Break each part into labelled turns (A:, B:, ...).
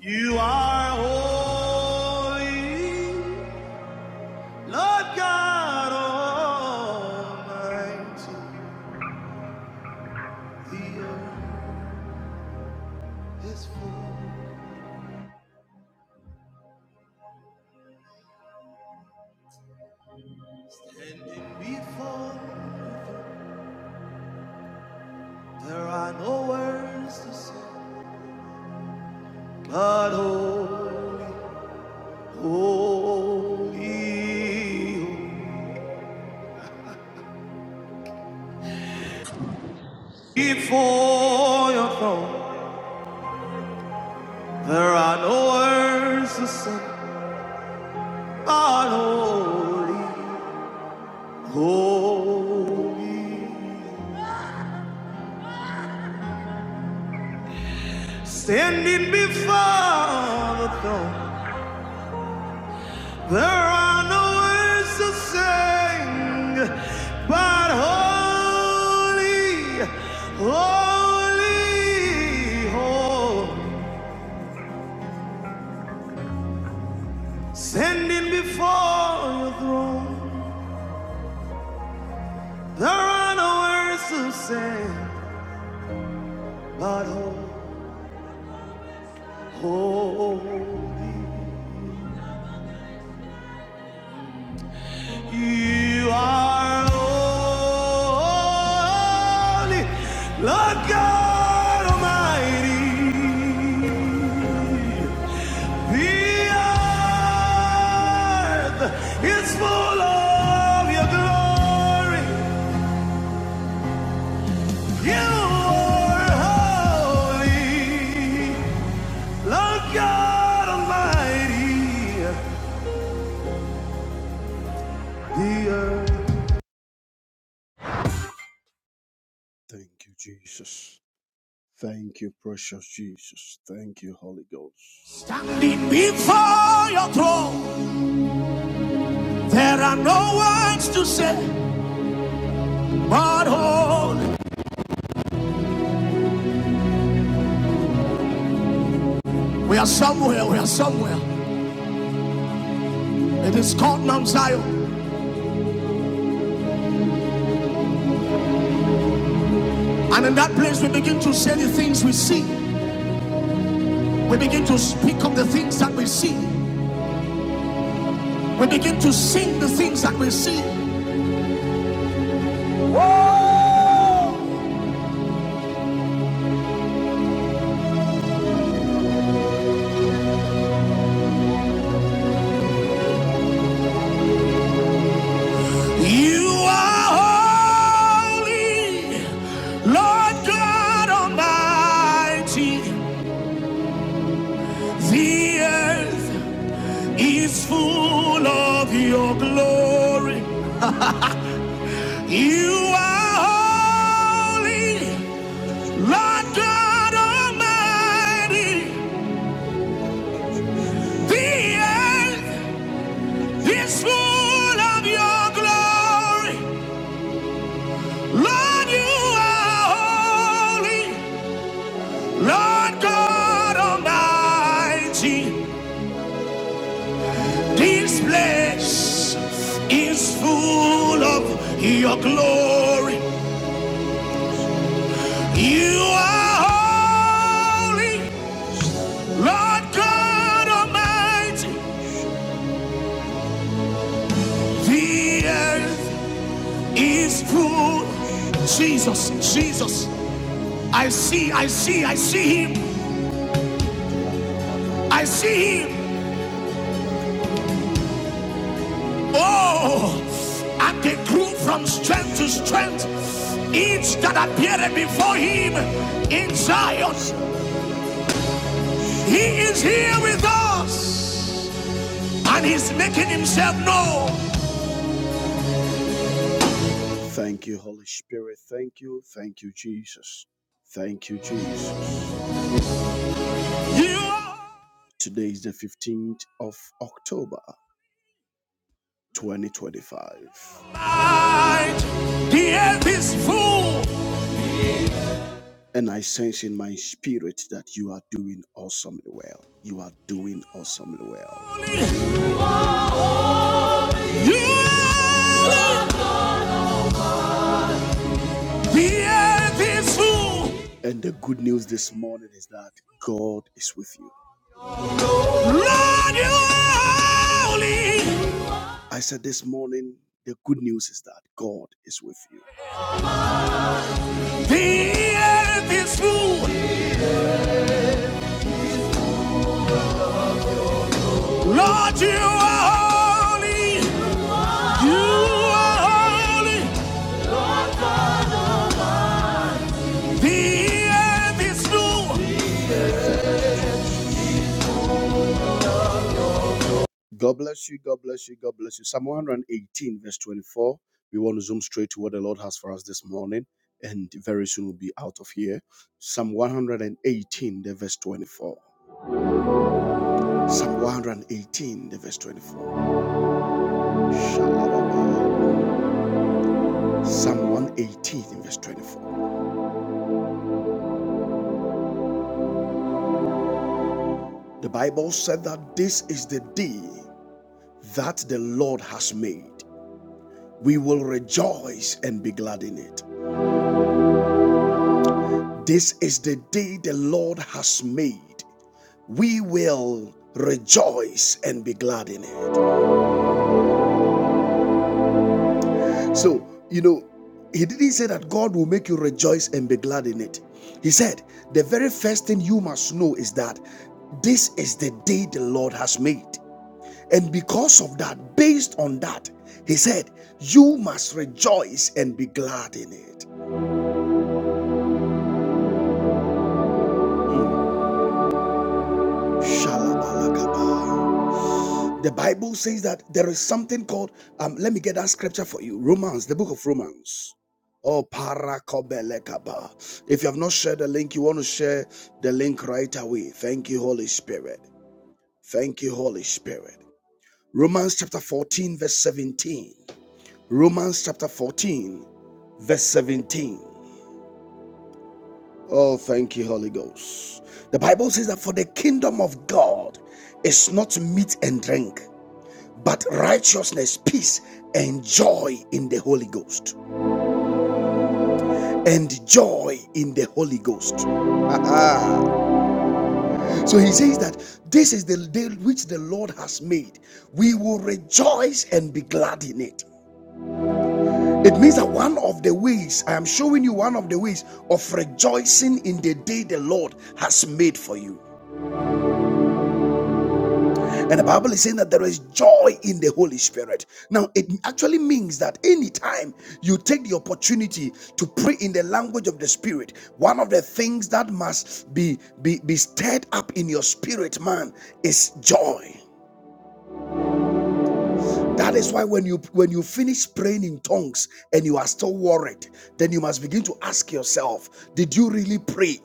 A: You are holy, Lord God Almighty. The earth is full, standing before. you. There are no words to say, but holy, holy, holy. Before your throne, there are no words to say, but holy, holy. Standing before the throne, there are no words to sing, but holy, holy, holy. Standing before your throne, there are no words to sing, but holy, holy. You are holy, Lord God Almighty. The earth is full of your glory. You are holy, Lord God Almighty. The earth. Thank you, Jesus. Thank you, precious Jesus. Thank you, Holy Ghost. Standing before your throne, there are no words to say, but hold. We are somewhere, we are somewhere. It is called Mount Zion. And in that place, we begin to say the things we see. We begin to speak of the things that we see. We begin to sing the things that we see. Whoa! You are holy, Lord God Almighty. The earth is full of your glory. You are holy, Lord God Almighty. The earth is full of your glory. Lord, you are holy. Lord God Almighty, this place is full of your glory. You are holy, Lord God Almighty. The earth is full. Jesus, Jesus, I see, I see, I see him. I see him. Oh, and they grew from strength to strength. Each that appeared before him in Zion, he is here with us and he's making himself known. Thank you, Holy Spirit. Thank you. Thank you, Jesus. Thank you, Jesus. You are- Today is the 15th of October, 2025. Light, the earth is full And I sense in my spirit that you are doing awesomely well. You are doing awesomely well. You are beautiful. And the good news this morning is that God is with you. Lord, you are holy. I said this morning, the good news is that God is with you. Beautiful. Lord, you are holy. You are holy. Beautiful. God bless you. God bless you. God bless you. Psalm 118, verse 24. We want to zoom straight to what the Lord has for us this morning, and very soon we'll be out of here. Psalm 118, the verse 24. Psalm 118, the verse 24. Shalom. Psalm 118, in verse 24. The Bible said that this is the day that the Lord has made. We will rejoice and be glad in it. This is the day the Lord has made. we will rejoice and be glad in it. So, you know, he didn't say that God will make you rejoice and be glad in it. He said, the very first thing you must know is that this is the day the Lord has made. And because of that, based on that, he said, you must rejoice and be glad in it. Shalabalakaba. The Bible says that there is something called, um, let me get that scripture for you Romans, the book of Romans. Oh, parakobelekaba. If you have not shared the link, you want to share the link right away. Thank you, Holy Spirit. Thank you, Holy Spirit. Romans chapter 14, verse 17. Romans chapter 14, verse 17. Oh, thank you, Holy Ghost. The Bible says that for the kingdom of God is not meat and drink. but righteousness, peace, and joy in the Holy Ghost. And joy in the Holy Ghost. So he says that this is the day which the Lord has made. We will rejoice and be glad in it. It means that one of the ways, I am showing you one of the ways of rejoicing in the day the Lord has made for you. And the Bible is saying that there is joy in the Holy Spirit. Now, it actually means that anytime you take the opportunity to pray in the language of the Spirit, one of the things that must be, be, be stirred up in your spirit, man, is joy. That is why when you when you finish praying in tongues and you are still worried, then you must begin to ask yourself, did you really pray?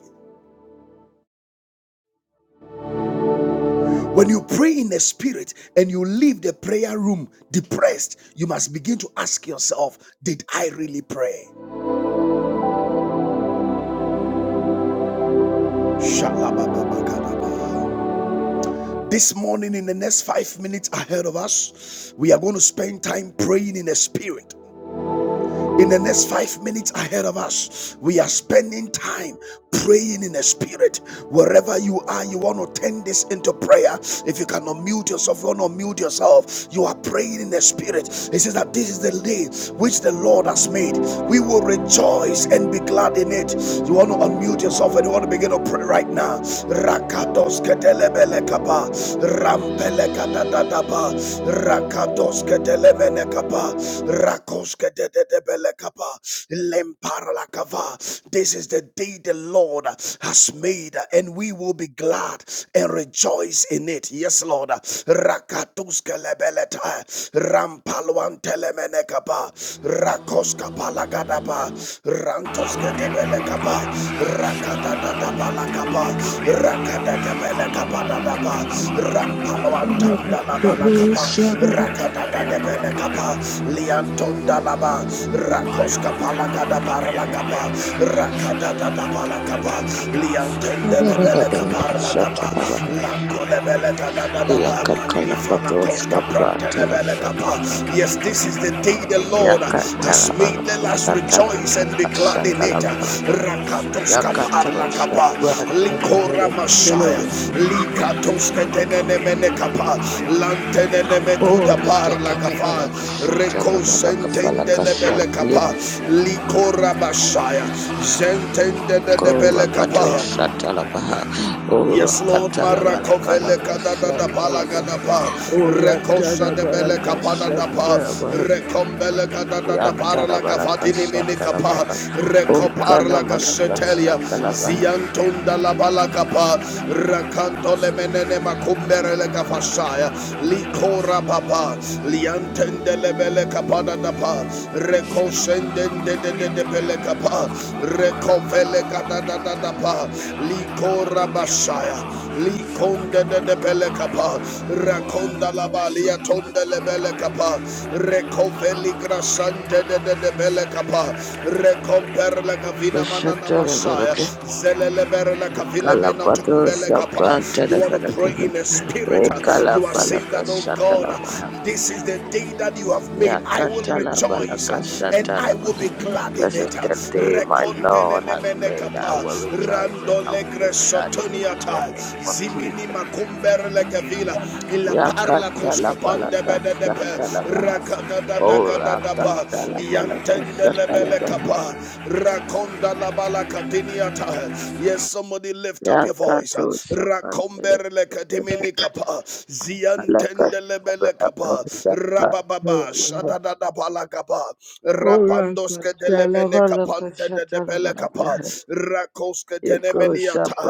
A: When you pray in the spirit and you leave the prayer room depressed, you must begin to ask yourself, Did I really pray? This morning, in the next five minutes ahead of us, we are going to spend time praying in the spirit. In the next five minutes ahead of us, we are spending time praying in the spirit. Wherever you are, you want to turn this into prayer. If you cannot mute yourself, you want to mute yourself. You are praying in the spirit. It says that this is the day which the Lord has made. We will rejoice and be glad in it. You want to unmute yourself and you want to begin to pray right now. Rakados ketelebele kapa rampele kadadadaba rakadoske delevene kapa rakoske dededebele kapa lemparla kava this is the day the lord has made and we will be glad and rejoice in it yes lord rakatuske lebeleta rampalwan telemene kapa rakoska palagadaba rantoske Rakadadadabelekaba, rakadadadabalakaba, rakadadadabelekabadadaba,
B: Yakatala
A: rapalawantandalabalakaba, rakadadadabelekaba, liantondalaba, rakoskapalakadabaralakaba, rakadadadabalakaba, liantendelebelekabaralakaba, lankolebelekadadadaba, ifanakoskaprantelekaba, Yes, this is the day the Lord has made. Let us rejoice and be glad in it. Rakatos Kaparla Kapa, Likora Mashaya, Likatos Ketenemene Kapa, Lanteneme Kuda
B: Ora
A: Parla
B: tana
A: Kapa,
B: bara kasha tana
A: Recosentende Lebele Kapa, Likora Mashaya, Zentende Lebele Kapa. Yes, Lord, Marakovele Kadada da Palaga da Pa, Rekosa de Bele Kapada da Pa,
B: bara
A: Rekombele Kadada da Parla Kafatini Minikapa,
B: Yatalabalakashatalabaha.
A: Rekoparla Gasetelia,
B: Okanamanagashatalabaha.
A: Ziantunda la Balakapa, Rakanto le Menene Makumbere le Kafasaya, Likora Papa, Liantende le Bele Kapada da Pa, Rekosende de de de de Bele Kapa, Rekovele Kadada da Pa, Liko Rabashaya, Likonda de Belekapa, Rakonda Labalia Tonda Lebelekapa, Recoveli Grasante de Belekapa, Recomper la Cavina Manana Masaya,
B: Kashatalabalaka.
A: Zeleleber la Cavile
B: Kalapato
A: Menatumbelekapa. You want to pray
B: shapantalafalakaha.
A: in the spirit. You are saying that, oh God,
B: Ekalabalakashatalabaha.
A: this is the day that you have made. I will rejoice and I will
B: Yakatalabalakashatalabaha.
A: be glad in
B: This is
A: it.
B: the day my Lord
A: Reconte
B: has
A: Mene
B: made. I will rejoice and
A: Rando
B: I will be
A: Legre
B: glad in it in the
A: Sotoniata,
B: name of Jesus.
A: Zimini Macumber Legavila, Ila Parla Coscapande
B: Yakatalabalakas.
A: Benedepe,
B: Talabaha. Ora
A: Rakadadadadadaba,
B: kantala
A: Yantende Lebele Kapa, Rakonda Labala Catiniata. Yes, somebody lift up your voice.
B: Yakato Shapan
A: Rakomber Lecadimini Kapa, Ziantende Lebele Kapa, Rabababa, Shadadadabala Kapa, Rapandoske delemene
B: Alakatala
A: kapa panda de de belekapa rakoska tenemeniata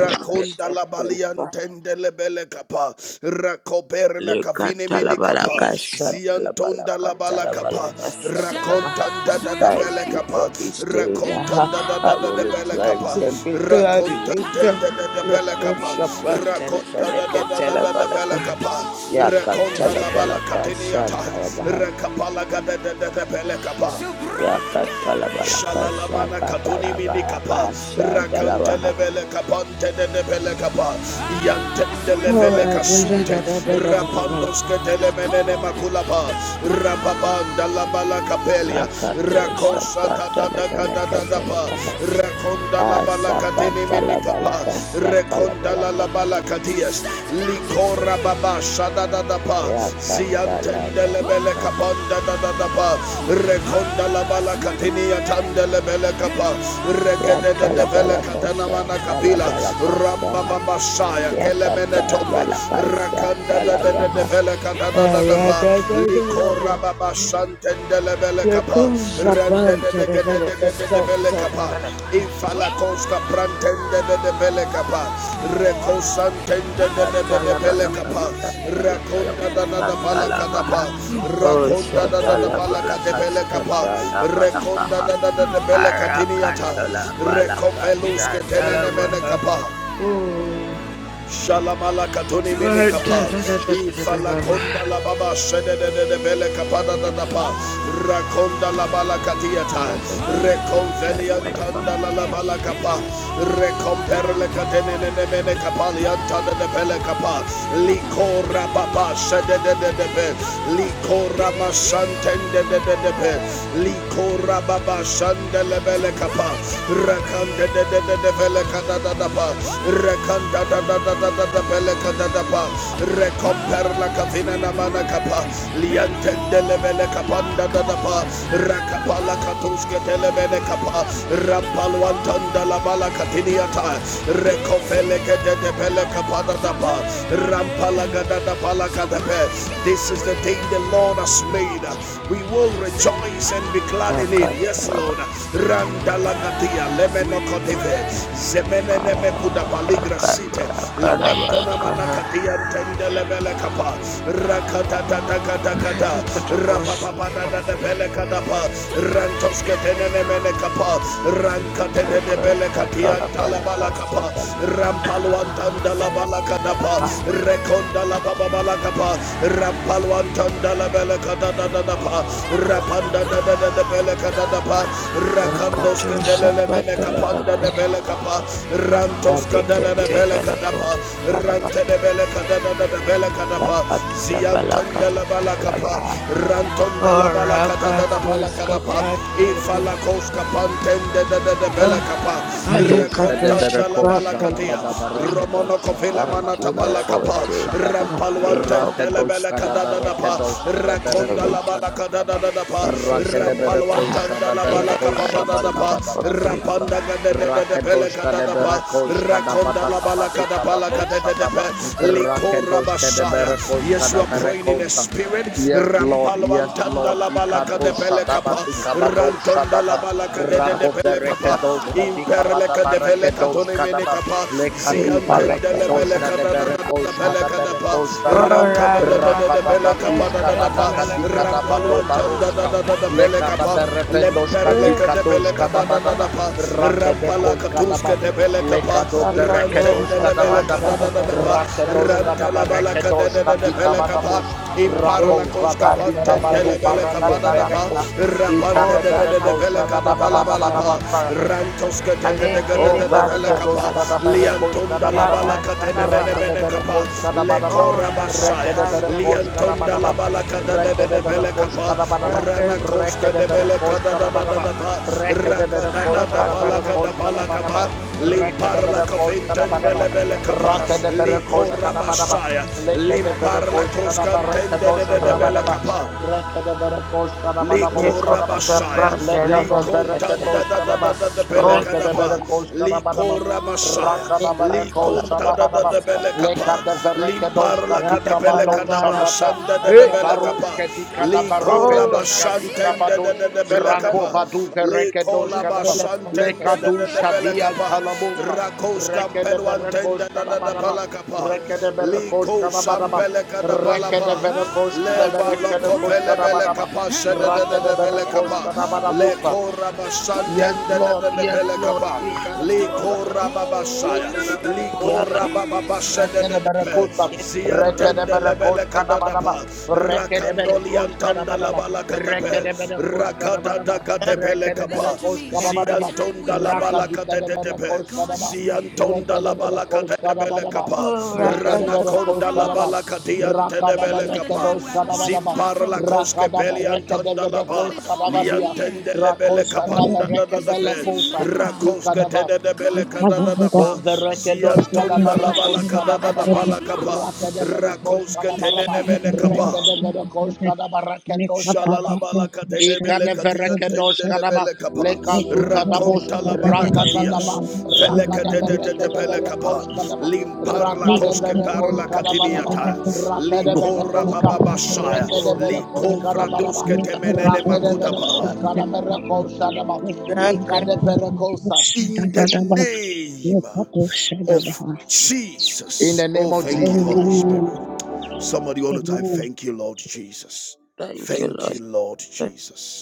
A: rakonda la baliantende le belekapa rakoper la kafine minikapa ziantonda la balakapa rakontanda da da
B: Thank you
A: belekapa
B: for this day.
A: rakontanda da
B: Aha.
A: da
B: I
A: da
B: will
A: de belekapa
B: rejoice and be glad in
A: rakontanda
B: it.
A: da da belekapa rakonda da da da da da
B: Lekoshapantelefeneketelebalaka.
A: belekapa rakonda la
B: Yakatalabalakas-
A: balakateniata
B: Yakatalabalakas-
A: rakapala ga da da da belekapa Shalalamana katuni mini kapa.
B: Yakatalabalakas-
A: Rakante levele kapante de levele kapa. Yante de levele kasunte. Rapandos
B: Yakatalabalakas.
A: ketele menene makulapa. Rapabanda la bala kapelia.
B: Yakato
A: Rakosa da da da da da da da pa.
B: Shapatelefeneketelebaha.
A: Rakonda la bala katini mini kapa.
B: Asakatalabalaka,
A: Rekonda la la
B: Satalabalaka,
A: bala katia. Yes. Likora baba shada da da pa. Ziantende lebele
B: Yakatalabalaka,
A: kapanda da da da pa. Rekonda la bala katini atande lebele kapa. Regede de de vele
B: Yatalabalaka,
A: katana mana kapila.
B: Satalabalaka,
A: Ramba
B: Saha,
A: baba shaya kelemene tombe.
B: Yakatalabalaka,
A: Rakanda da da da de
B: Satalabaha,
A: vele katana da da da pa. Likora
B: Aradadadadaba,
A: baba shantende lebele kapa. Rende
B: Yakuzaban,
A: de de de de de
B: Televelaka,
A: vele kapa.
B: Televelaka,
A: Infala koska prantende de de belekapa. Rekosantende de de de de
B: Satalabalaka, Atalabalaka
A: belekapa. Rakonda da
B: Satalabalaka,
A: da da
B: Satalabaha,
A: balakadapa.
B: Oh,
A: Rakonda da da da balakate
B: Satalabalaka,
A: belekapa. Rekonda
B: Satalabalaka,
A: da da da de belekatiniata.
B: Arakatala
A: Rekopeluske
B: balakashatala
A: tenene
B: baha.
A: menekapa.
B: Oh,
A: Shalamala katoni mene
B: right. Da
A: kapa.
B: da da da da da da
A: Ifala
B: da.
A: konda la baba shede de de de bele kapada da da pa. Rakonda la bala katiata.
B: Da da
A: Reconvelia
B: balakashatala baha.
A: tanda la la bala kapa. Recomperle katene ne ne mene kapa lianta de de bele kapa. Likora baba shede de de de be. Likora masantende de de de be. Likora baba shande le bele kapa. rakande this is the day the Lord has made we will rejoice and be glad God in need. Yes,
B: Rakatala
A: Lord. Randalagatia, Lemenokoteve, Zemeneme
B: bakala da da da.
A: Kudapaligra
B: da
A: Site,
B: balakala
A: Lawantona
B: balakaha.
A: Manakatia, Tendelebelekapa, Rakatatatakata,
B: Da da da bushatala baha.
A: Rapapapadadelebelekadapa, Rantosketenenemenekapa, Rankatenebelekatia,
B: Lakashatala
A: Talabalakapa,
B: balakashatala baha.
A: Rampaluantandalabalakadapa,
B: Kaha.
A: Rekondalababalakapa, Rapanda la bele kada da da pa. Rapanda da da da da kada pa. Rakandos kadele le
B: Rakatushatala
A: mene kapanda de
B: balakaha.
A: bele kapa. Rantos kada da da
B: Alikete
A: bele kada pa.
B: balakoshatala baha.
A: Rante de bele kada da da da kada pa.
B: Rakatala
A: Ziantanda la bala
B: balakashatala
A: kapa.
B: baha.
A: Rantonda la bala kada da da bala
B: Orakatos
A: kada pa.
B: kapat
A: Ifala
B: yalaba.
A: koska pantende da da da bele kapa.
C: Kadoshka de
B: Alekatosh
A: Rakontanda la
C: Bereko
B: kapat
A: bala
C: Shadaba
A: katia.
C: da
B: yalaba.
C: Bareke do
A: Romono kofela
C: Shadakaba
B: Thank
C: da
B: you,
A: manata
B: Lord,
C: Bareke
B: for a
A: palakapa
C: do
B: day that you
C: Shadaba
B: have made for
A: rampalwantendele
B: my
C: Rakadoshka da
B: sake.
C: Bareke
A: kadadadapa
C: de
B: I
A: rakonda
C: Bereko Shadaba da
A: labalakadadadapa
B: rejoice
C: Rake de
B: in it.
C: Bereko
B: Ah,
A: rampalwantanda
C: Shada
B: in the
C: Bereko
B: mighty name
A: labalakapabadadapa
B: of Jesus.
C: Barakata
A: rapanda gadededepele
C: Rakadoshka de
A: kadadapa
C: Bereko Shadaba
A: rakonda
C: da Kabadika Bado
A: labalakadapalakadededepe
C: Shadaba Rakadoshka de
A: bashaya,
C: Bereko
A: yes you
C: Shada
A: are praying in a spirit
C: Yes, Lord. Yes,
A: rampalwantanda
C: Lord. Ikado
A: labalakadepele kapa
C: shadaba dikabado
A: rantonda
C: shadaba. Rako
A: labalakadededepele kapa
C: verekedosh kadikabada
A: imperlekadepele bele
C: barakedosh
A: katone mene
C: kadaba.
A: kapa
C: Lekatu
A: ziantende
C: varekedosh
A: bele kada da da da da
C: kadeberekosh
A: bele kada pa
C: kadaberekosh shadaba.
A: ranka
B: Ora
A: da da da da da bele kapa
C: Rakadadakush
A: da
B: zakasende
A: da da pa
B: lebele
A: rampalu
C: kadadakadikadabado
B: kesema.
A: antanda da
C: baroshka.
A: da da da bele kapa
C: Lekadaberevendosh
A: lemper le kada
C: kadikadosh
A: bele kapa da da da
C: kadabadaba.
A: pa rampala
C: Rakedekosh
A: katuske
C: kadaba.
A: de bele kapa
C: Lekado
B: Yakato
C: verekedos
A: rantende le bele
B: shaban
A: kada
C: kadabadaba.
A: da da da
B: telefele
A: pa
B: keshe
C: Rakedos
A: rantala
B: telefele.
A: bala kada
C: kadabarekedos
A: da da da bele kapa
C: kadikabadabus.
B: Yakato
A: impara la
C: Rakos
A: koska
B: shaban
A: pantende
B: telefele
C: zabadikabadu
A: le bele
B: kosha
A: kapa
C: barando
A: da da pa
B: talabaha.
C: verekos.
B: O
A: rapanda de da da
C: Ikadeberekos
A: da
B: lakato
A: fele kada bala
B: shaban
A: bala pa
B: telefele
C: shadabadabadabadabasa.
B: keshe.
A: rantos ke de de de de
B: Alekere
C: O
A: de de fele
B: baria
C: verekedoş
A: kapa
C: kada
B: talabaha.
C: berekoş
A: liantum da
C: kada
A: la
C: badaba.
A: bala kate ne ne ne ne
C: Rekede
B: Yakatalabalaka.
A: ne kapa
C: berekoş kada
A: le
B: O
C: badaba.
A: kora basaya
B: lakata
C: Rekede berekoş
B: telefele
A: liantum
C: kada
A: da la
C: badaba.
B: keshe
A: bala kada de de de
C: Rekede
A: fele
C: berekoş
A: kapa
C: kada badaba.
A: rana
B: telefele.
A: koske de
C: Rekede
A: bele
C: berekoş
A: kada da
C: kada
A: da da
C: badaba.
A: da pa
C: Rekede
A: raka
B: Oh,
A: da da
C: berekoş
A: da
C: kada
A: bala kada
C: berekoş
A: bala
C: kada badaba.
A: kapa limpar
C: Rekede
A: la
C: berekoş
A: kafinten
C: kada
A: de
C: badaba.
A: le bele kapa
C: Rakede
A: li
C: berekoş
A: kora
C: kada badaba.
A: basaya
C: Lekede
A: limpar la
C: berekoş kada
A: koskantende de
C: berekedoş
A: de de
C: kada
A: bele
C: badaba.
A: kapa
C: Rekede berekoş kada badaba usadaba.
A: Likorabashaya,
C: Lekado
A: Likontanda
C: verekedoş
A: da da da
C: kanama.
A: da da
C: Rekede
A: Belekadapa,
C: berekoş kanama.
A: Likorabashaya,
C: Rakada berekoş
A: Likontada da
C: kanama.
A: da Belekapa,
C: Lekade verekedoş
A: Limparla
C: kadika badoş
A: Katabelekadaba,
C: adata.
A: Shanda da da
C: Hey baroş
A: Belekapa,
C: kadika da baravendoş kadika
A: Likorabashantenda da
C: badoş.
A: da da
C: Rako
A: Belekapa,
C: badu
A: Le
C: verekedoş
A: kolaba
C: kanama.
A: shantende de
C: Lekadu
A: de de bele
C: şadiyan
A: kapa.
C: talamosa.
A: Rakos
C: Rekede
A: kampelo antende
C: berekoş
A: de de de
C: kanama.
A: pala
C: Rekede
A: Le Li
C: berekoş
A: ko
C: kanama.
A: shambele kada
C: Rekede verekoş
A: Le
C: kanama. Rekede
A: waloko
C: koş
A: pele bele
C: kanama.
A: kapa shende de de de bele
C: Rakadeberekosh
A: Le
C: kadabarabusa.
A: koraba
C: Yes,
A: shantende de
C: Lord.
A: de de
C: Yes,
A: bele
C: Lord.
A: kapa.
C: Ikadabarosh
A: Likora
C: kadaba.
A: babasaya,
C: Lekadaberekosh
A: likora
C: kadaba.
A: bababasha de de de pe,
C: Rekedeberekosa,
A: ziantende lebele
C: rekedeberekoşkanamanama,
A: kadadapa, rakandoli antanda
C: rekedeberekoşkanamanama,
A: labala kadape,
C: rekedeberekoşkanamanama,
A: rakadada kadepele kapa,
C: rekedeberekoşkanamanama,
A: ziantonda labala kadedepe,
C: rakadikedeberekoşkanama,
A: antonda la balaka tedebele
C: rekedeberekoşkanamanama,
A: kapa. God is Rana konda la
C: rekedeberekoşkanama,
A: balaka us. ti kapa. time we
C: rakadaberekedoşkanamanama,
A: Zimpar la koske peli antonda la ba.
C: rakadaberekedeberekoşkanama diye,
A: Liantende lebele
D: Thank you.
A: kapanda da da da name is pe.
C: rakoşadaberekevelekosa,
A: Emmanuel, Rakoske
C: ikanama,
A: tedebele God kada da da pa.
C: O
A: Sometimes you
C: verekedos
A: Ziantonda like
C: kadabarakos
A: balaka da da Actually, he's
C: kadabadaba.
A: balaka not. pa.
C: Rakadeberekos
A: Rakoske He's near.
C: kadabaraba.
A: kapa.
C: Rekedeberekos kadabarakedos kadaba.
A: Shalalabala katedebele
C: Ikadeverekedos kadaba.
A: katiyantendelebele kapa.
C: Leka sutadabos.
A: Rakonta labana katias.
C: Rakadadaba.
A: Vele katetetebele kapa.
C: Rakadeberekedeberekos kadaba.
A: Limparla koske
C: Rakadeberekos
A: parla
C: kadabadaba.
A: katiniata. Likora
C: Rakadeberekos ka.
A: bababashaya.
B: Oh,
C: Rekedeberekos
A: Liko
B: Lord.
C: kadabadaba.
A: temenene
C: Rakadeberekos
A: makutapa.
C: kadaberekos kadaba.
B: I- I Thank you,
C: Ikadeberekosa.
A: In the name of
C: In
A: Jesus.
C: the
A: Oh,
C: name of
A: thank you,
D: Amen.
C: Jesus.
A: Holy Spirit. Somebody want to type,
D: Amen.
A: thank you, Lord Jesus.
B: Thank you,
A: Thank you,
B: Lord.
A: Lord Jesus.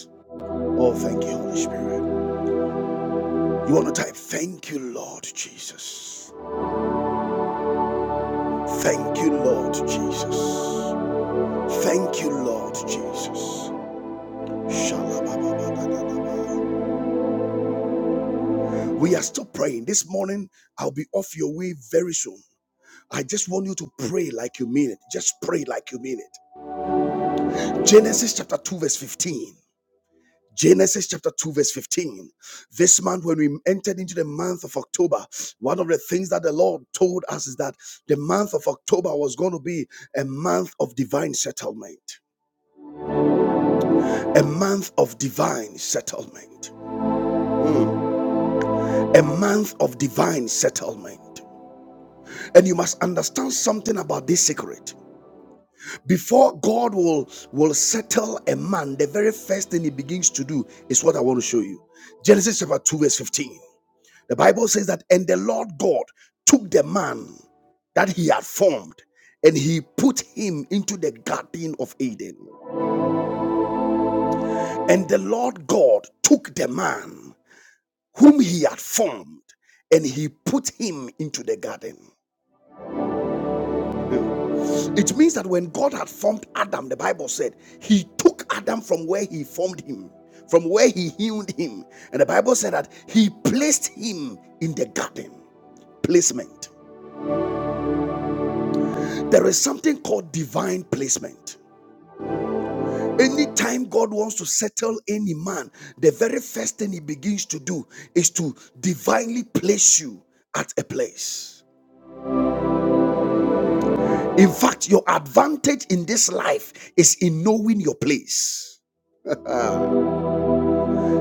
A: Oh, thank you, Holy Spirit. You want to type, Thank you, Lord Jesus. Thank you, Lord Jesus. Thank you, Lord Jesus. We are still praying. This morning, I'll be off your way very soon. I just want you to pray like you mean it. Just pray like you mean it. Genesis chapter 2, verse 15. Genesis chapter 2, verse 15. This month, when we entered into the month of October, one of the things that the Lord told us is that the month of October was going to be a month of divine settlement, a month of divine settlement, a month of divine settlement. And you must understand something about this secret. Before God will, will settle a man, the very first thing he begins to do is what I want to show you. Genesis chapter 2, verse 15. The Bible says that, and the Lord God took the man that he had formed and he put him into the garden of Eden. And the Lord God took the man whom he had formed and he put him into the garden. It means that when God had formed Adam, the Bible said he took Adam from where he formed him, from where he healed him. And the Bible said that he placed him in the garden. Placement. There is something called divine placement. Anytime God wants to settle any man, the very first thing he begins to do is to divinely place you at a place. In fact, your advantage in this life is in knowing your place.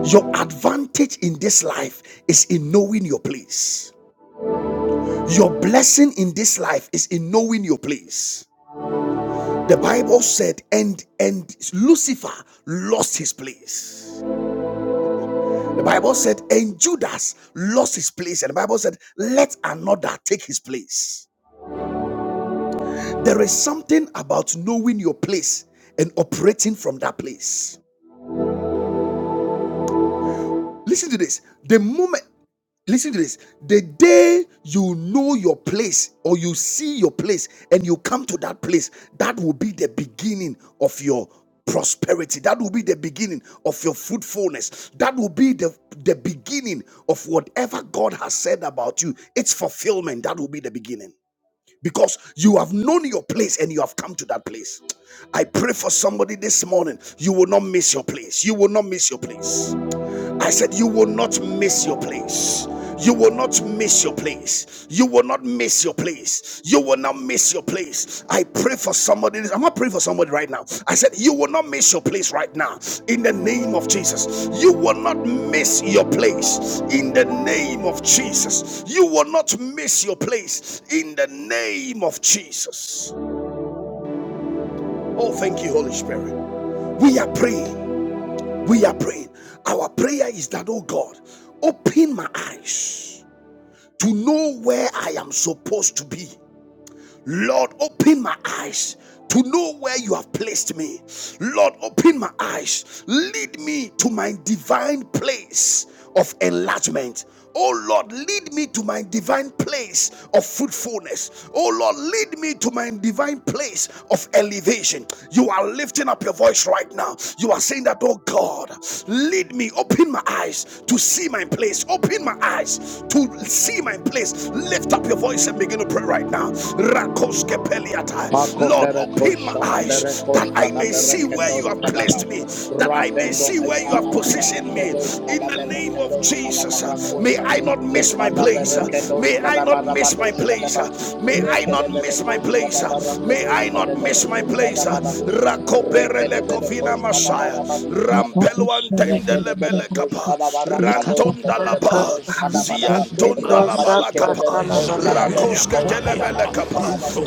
A: Your advantage in this life is in knowing your place. Your blessing in this life is in knowing your place. The Bible said, and and Lucifer lost his place. The Bible said, and Judas lost his place. And the Bible said, let another take his place. There is something about knowing your place and operating from that place. Listen to this. The moment, listen to this. The day you know your place or you see your place and you come to that place, that will be the beginning of your prosperity. That will be the beginning of your fruitfulness. That will be the, the beginning of whatever God has said about you. Its fulfillment, that will be the beginning. Because you have known your place and you have come to that place. I pray for somebody this morning. You will not miss your place. You will not miss your place. I said, You will not miss your place. You will not miss your place. You will not miss your place. You will not miss your place. I pray for somebody. I'm not praying for somebody right now. I said, You will not miss your place right now. In the name of Jesus. You will not miss your place. In the name of Jesus. You will not miss your place. In the name of Jesus. Oh, thank you, Holy Spirit. We are praying. We are praying. Our prayer is that, oh God, open my eyes to know where I am supposed to be Lord, open my eyes to know where you have placed me. Lord, open my eyes. Lead me to my divine place of enlargement. Oh Lord, lead me to my divine place of fruitfulness. Oh Lord, lead me to my divine place of elevation. You are lifting up your voice right now. You are saying that, oh God, lead me, open my eyes to see my place, open my eyes to see my place lift up your voice and begin to pray right now.
C: Marco
A: Lord, open
C: Verekosh,
A: my eyes that
C: Berekosh,
A: I may see where you
C: Kadaberekedosh,
A: have
C: Kadaba,
A: placed me, that I may
C: Ravendo,
A: see where you have
C: Ekabada
A: positioned me.
C: Berekedosh,
A: In the name of
C: Kadaberekedosh,
A: Jesus, uh, may
C: Kadabarakosha,
A: I not miss my place. uh,
C: Lekadaberekedosh,
A: May I not miss my
C: Kadabadabadosh,
A: place.
C: Kadaba,
A: uh, May I not miss my
C: Rekedebedekosh,
A: place. uh, May
C: Kadabarakedosh,
A: I not miss my
C: Kadaberekosh,
A: place. uh,
C: Zadabadabu,
A: Rakoberele kovina
C: Rekedebedekosh,
A: masaya.
C: Kadabadabadi, Kadababa.
A: Rampeluantende lebele
C: Rekedebedekoş
A: kapa.
C: kadabara kadoş
A: Rantonda
B: Baraka,
A: laba.
C: kedebedekoş kadabara
B: Eko
A: Ziantunda la
B: Shapra
A: balakapa.
B: Talavaraka,
A: Rakoske telebele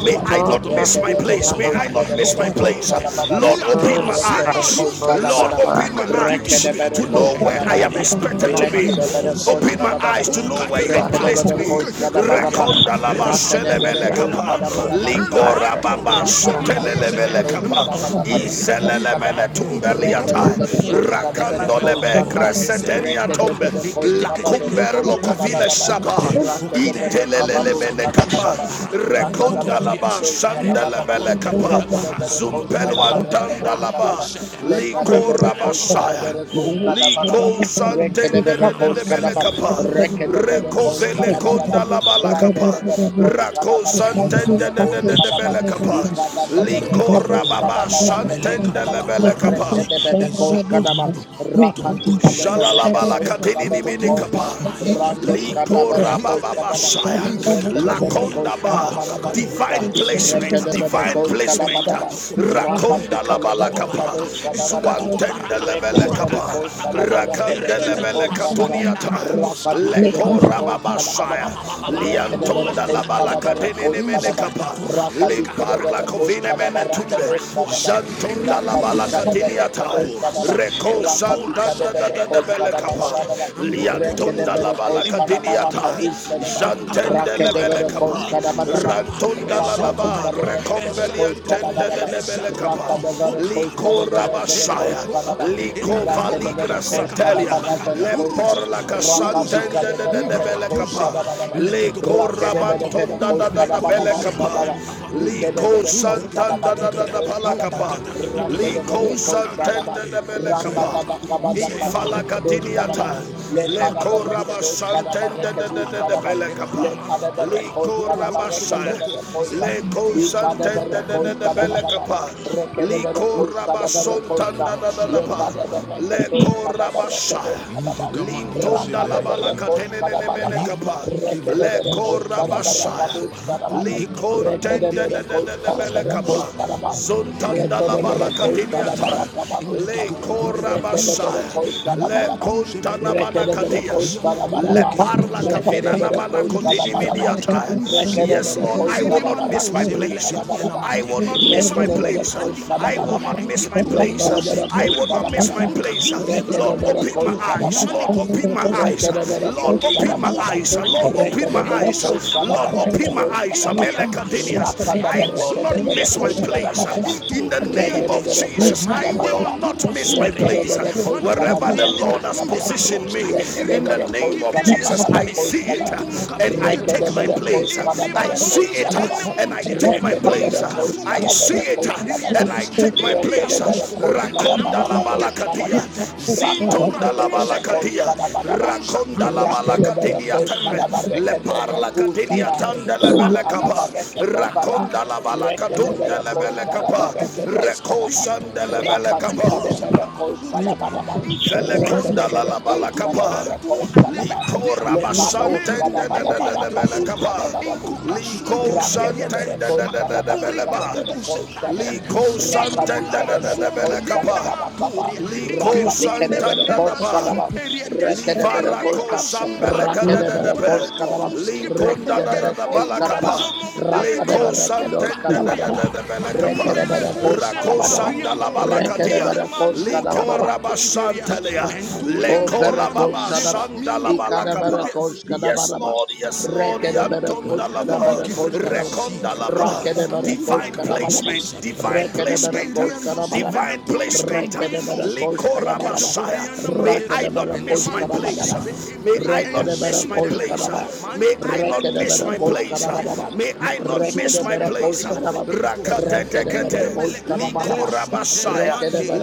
A: May
B: Eko
A: I not miss my
B: Shapra
A: place. May I
B: Talavaraka,
A: not miss my place. Lord,
B: Eko
A: open my
B: Shapra,
A: eyes.
B: Eko
A: Lord,
B: Shapra
A: open my eyes to know where I am expected to be.
B: Talavaraka,
A: Open my eyes to know where you have placed me.
D: Thank you.
B: Thank
A: Rekonda la bashelemele
C: rakadi Rekede
A: Ligora baba
C: Rakadike de bede
A: sotelelebele
C: koş
A: kapa.
C: kadabada baraka doş
A: Izelele
C: kadaba.
A: mene
C: Reke de
A: tumbeliata.
C: bede koş kadabede
A: Rakando
C: koş
A: lebe
C: zata.
A: resetenia
C: Reke de
A: tombe
C: bede koş
A: la
C: kadabede
A: comber lo
C: koş
A: covile
C: kadabada ba.
A: shaba
C: Rake de bere
A: intelelele
C: kabadoş
A: mene
C: kadabada
A: kapa
C: ba. Rakada
A: rekonda
C: bereke
A: laba
C: doş
A: shanda la
C: kadabada ba.
A: mele kapa
D: Thank
C: Reke
D: you.
C: bede koş
D: Make
A: zumpelo
C: kadaba reke doş
A: laba
C: kadaba. Leka de
A: likora
C: koş
A: basaya
C: kadabere koşka da baraba
A: Liko
C: rekede
A: santende
C: bere
A: de de de
C: koşka da ba
A: kapa,
C: rekede bere
A: reko
C: koşka
A: vele
C: da baraba
A: konda laba la bala kapa,
C: rakede bere koşka da
A: rako
C: ba rekede
A: santende
C: bere
A: de de de
C: koşka
A: de
C: da ba
A: kapa,
C: ikada da bere
A: liko
C: kedoşka da
A: rababa
C: ba
A: santende
C: rakedoşka da
A: le
C: ba
A: bele kapa,
C: rekede bere koşka da ba rakadika da bere
A: Shalalabala
C: kedoşka da
A: katini ni
C: bere
A: mini
C: koşa
A: kapa.
C: randoşka da
A: Liko
D: a
C: bere koşka
D: Thank
C: da ba
A: rabababashaya.
C: rekede bere koşka da
A: Lakondaba.
C: ba ba suta
A: Divine placement.
C: rekede bere
A: Divine
C: koşka da ba
A: placement.
C: da ba
A: Rakonda
C: rakadika le
A: labala
C: bere
A: kapa.
C: kadoşka da ba da ba
A: Zuantende lebele
C: Rekedebere
A: kapa.
C: koş kadabara
A: Rakande
C: kedebele
A: lebele
C: koş sadara.
A: katuniata.
C: Rakadi
A: Leko
C: kedebere koş kadabara.
A: rababashaya.
C: Rekedebere
A: Liantonda
C: koş
A: labala
C: kadabere
A: katini ni
C: koş
A: mini
C: kadaba.
A: kapa.
C: Rakadi
A: Limparla
C: kedebere koş
A: kovine mene
C: kadabara
A: tunde.
C: kedoş kadaba.
A: Zantonda
C: Rakadi
A: labala katini
C: kadebere
A: atai.
C: kedoş kadaba.
A: Reko
C: Rakadi
A: Santa Randa da
C: kadebere
A: da da
C: koş
A: bele
C: kadaba
A: kapa.
C: daba daba.
A: Liantonda la
C: Rekedebere
A: bala
C: koş kadabara
A: kadiniata.
C: kaduş kedeba.
A: Jantende le bele
C: Rakedebere koş
A: kapa.
C: kadaba daba.
A: Rantunda la la ba.
C: Rakadika de bere bere koş
A: Rekombeliantende de
C: kanabaraba.
A: de bele kapa.
C: Rakade bere koş
A: Liko
C: kade bere bere koş
A: rabashaya.
C: kanaba.
A: Liko
C: Rakede bere
A: valigra
C: koş
A: satelia.
C: kanabara bere koş kan.
A: Lempor la kasantende
C: Rakadika de
A: de de
C: bere
A: de
C: bere
A: bele
C: koş
A: kapa.
C: kanabaraba.
A: Liko
C: Rakede bere bere
A: rabantunda da
C: koş
A: da da bele
C: kanabaraba
A: kapa.
C: şadaba. İkede
A: Liko
C: bere koş
A: santanda
C: kanabara
A: da da da
C: kedoş
A: bala
C: kanaba.
A: kapa.
C: Rakede
A: Liko
C: bere koş şadaba.
A: santende de bele
C: Rakada
A: kapa.
C: da kabada kabareke doş kanaba.
A: Ifalakatiniata,
C: Le kadabere kedoş kanabare
A: Lekorabashantende de de
C: kedoş
A: de de
C: kanaba.
A: Belekapa,
C: lekada berekoş kada
A: Likorabasha,
C: barekede berekoşa likada
A: Lekosantende de
C: berekoş
A: de de
C: kada baraba
A: Belekapa,
C: rekede berekoş kada berekoşa
A: Likorabasontanda da da da pa,
C: lekada bereketoş kada
A: Lekorabasha,
C: berekedoş kada bar
A: Lintonda la
C: rakada berekoş
A: balakatene ne
C: kada
A: ne
D: you.
A: mene
C: baraba
A: kapa,
C: rekede berekoş kada
A: Lekorabasha,
C: berekabuş kada bar
A: Likontende
C: rekede
A: de de
C: berekoş
A: de de
C: kada berekoş
A: Belekapa,
C: kada bar
A: Zontanda la
C: rekede berekoş kada
A: balakatiniata,
C: barakabadoş kada
A: Lekorabasha,
C: Rekedebere
A: Rabasaya,
D: Thank
C: koşkana
A: Le
C: baraba.
A: Costa Namana
C: Rekedebere
A: Katias,
C: koşkana
A: Le
C: baraba.
A: Parla Kavina
C: Rekedebere
A: Namana
C: koşkana
A: Kotini
C: baraba.
A: Miniata. Yes,
C: Rekedebere
A: Lord, I
D: you.
A: will
C: koşkana
A: not miss my
C: baraka
D: Make
A: place.
C: duşkana baraba.
A: I
D: up
A: will not miss my
C: Rekedebere
A: place.
C: koşkana
A: I will
C: baraba.
A: not miss my place.
C: Rekedebere
A: I will not
C: koşkana
A: miss my
C: baraba.
A: place. Lord,
C: Rekedebere
A: open my
C: koşkana
A: eyes. Lord,
C: baraba.
A: open my eyes.
C: Rekedebere
A: Lord, open
C: koşkana
A: my
C: bana bak.
A: eyes. Lord, open my
C: Rekedebere
A: eyes.
C: koşkana
A: Lord,
C: bana
A: open my eyes.
C: rekedoşkana bak.
A: I
C: Rakadabere
A: will not
C: rekedebere
A: miss my
C: koşkana
A: place.
C: bana bak.
A: In the name of
C: Rekedebere
A: Jesus, I
C: koşkana bana
A: will
C: bak.
A: not miss my my place.
C: Rekedebere koşkana
A: Wherever the
C: bana
A: Lord has
C: koşkana bak.
D: the
A: positioned me, in the
C: Rekedebere
A: name of
D: Make
C: koşkana
A: Jesus,
C: bana
A: I
C: bak
A: see
C: koşkana.
A: it
C: bak.
A: and I take
C: Rekede
A: my
C: bere koş
A: place.
C: kada
A: I
C: bere
A: see
C: koş
A: it
C: kada bak.
A: and I take my
C: Rekede
A: place.
C: bere koş
A: I
C: kada bere
A: see it
C: koş kada
A: and
C: bak.
A: I take my place.
C: Rekede bere koş kada
A: Rakonda la
C: baraba doş kada
A: balakatia,
C: bak. Raka
A: zintonda la
C: dikede bere koş
A: balakatia,
C: kada bana bak.
A: rakonda la
C: Rakede bere
A: balakatinia tembe, leparla parla katinia tanda la belekapa, rakonda la balakatunda
C: Rekedebede
A: la belekapa,
C: koşkadabede koşkadaba. bere koşkadabede koşkadaba. Rekedebede koşkadabaraba doşkadaba.
A: rekoshanda la belekapa.
C: Rakabikedebede koşkadabadaba. Rakedebede koşkadaba rekedebe kuşkata. Rakadaba rekedobara. Rekedebede koşkadaba rekedoşkadaba. Rakadikadebede koşkadabadaba.
A: la
C: Rekedebede
A: la bala
C: koşkadabede koşkadaba.
A: kora basami
D: up
C: Lekados kadabada barakadus
D: this,
A: kapa.
C: kadabada busa. Rakede bere
A: Tenda da
C: koş
A: da da
C: kadabadi bere koş kadaba.
A: Likos
C: Rakadi bere koş kadabada kaba.
D: Thank you.
C: Rakadi bere koş kadaba. Rekede bere koş kadaba.
A: alaka da
C: Rakede
A: da da
C: bere koş kadaba. Rekede bere koş kadaba. Rakede bere kedos
A: da
C: kadabada.
A: da da bala
C: Rekede bere koş kadabada. Rekede bere koş kadabada.
A: kora basami.
C: O Verakos Shadaba, Ikadabarakos
A: Yes,
C: Kadabaraba,
A: Lord, yes, Lord, Yanton
C: Rekedabarakos
A: Dalaba,
C: Kadabarakos Kadabam,
A: Reconda Laba,
C: Rakedabarakos
A: divine place,
C: Kadabarabam,
A: divine place,
C: Rekedabarakos Kadabarabam, Rekedabarakos
A: Cora,
C: Kadabarabam, Rakedabarakos Kadabarabam,
A: my
C: Rekedabarakos
A: place.
C: Kadabam,
A: I not miss my
C: Rekedabarakos
A: place.
C: Kadabarabam,
A: May I not miss my place.
C: Rekedabarakos Kadabam,
A: Rakate tekete.
C: Rekedabarakos Kadabarabam,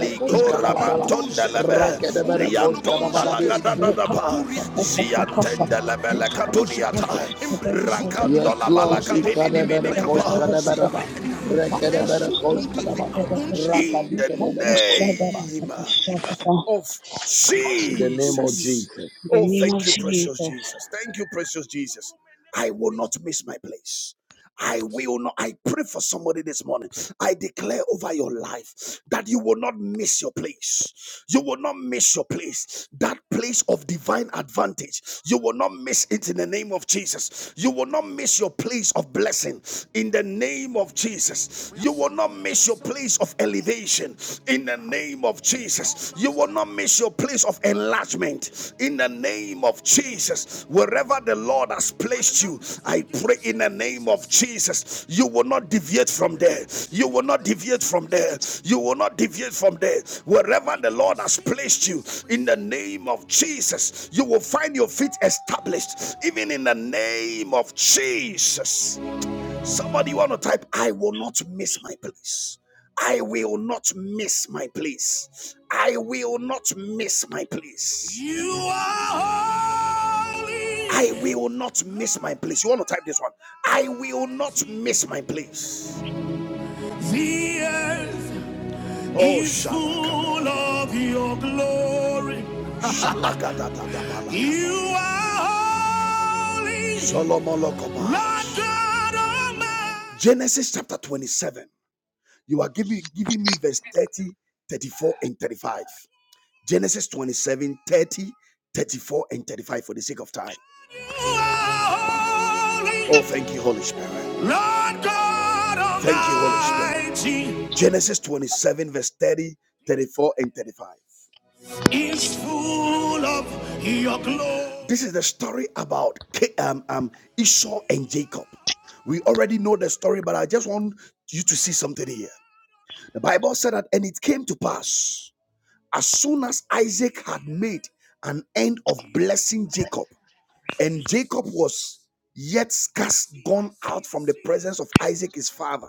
A: Likora mantonda la ba.
C: Rakedeberakoshkadabadabusa.
D: In the
A: Ziatenda Lebele
C: Yes,
A: Rakandola
C: Lord.
A: Balakadini
C: Ikadeberekoshkadeberaba. Rekedeberakoshkadaba.
A: In the
C: Rakadikedeberekoshkaba.
A: name of Jesus. Oh,
D: name of
A: thank you, precious
D: Jesus.
A: Jesus. Thank you, precious Jesus. I will not miss my place. I will not. I pray for somebody this morning. I declare over your life that you will not miss your place. You will not miss your place. That place of divine advantage. You will not miss it in the name of Jesus. You will not miss your place of blessing in the name of Jesus. You will not miss your place of elevation in the name of Jesus. You will not miss your place of enlargement in the name of Jesus. Wherever wherever the Lord has placed you, I pray in the name of Jesus, you will not deviate from there. You will not deviate from there. You will not deviate from there. Wherever the Lord has placed you, in the name of Jesus, you will find your feet established, even in the name of Jesus. Somebody want to type, I will not miss my place. I will not miss my place. I will not miss my place. You are holy. I will not miss my place. You want to type this one? I will not miss my place. The earth Oh, full of your glory. You are holy, Lord God Almighty. Genesis chapter 27. You are giving, giving me verse 30, 34, and 35. Genesis 27 30 34 and 35 for the sake of time. Oh, thank you, Holy Spirit. Lord God Almighty. Thank you, Holy Spirit. Genesis 27, verse 30 34 and 35. Is full of your glory. This is the story about um, um, Esau and Jacob. We already know the story, but I just want you to see something here. The Bible said that, and it came to pass as soon as Isaac had made an end of blessing Jacob, and Jacob was yet scarce gone out from the presence of Isaac, his father,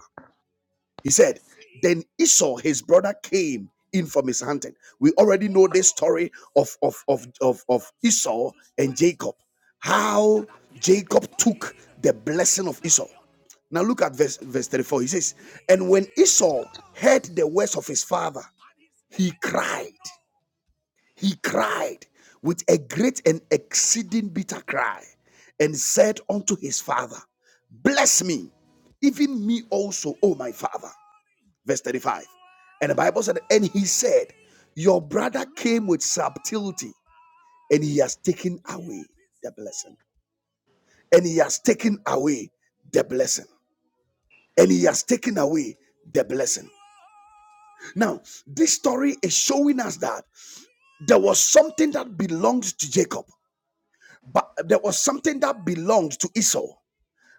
A: he said, Then Esau, his brother, came in from his hunting. We already know this story of, of, of, of, of Esau and Jacob, how Jacob took the blessing of Esau. Now look at verse, verse 34. He says, And when Esau heard the words of his father, he cried. He cried with a great and exceeding bitter cry and said unto his father, Bless me, even me also, O my father. Verse 35. And the Bible said, And he said, Your brother came with subtlety, and he has taken away the blessing. And he has taken away the blessing. And he has taken away the blessing. Now, this story is showing us that there was something that belonged to Jacob but there was something that belonged to Esau.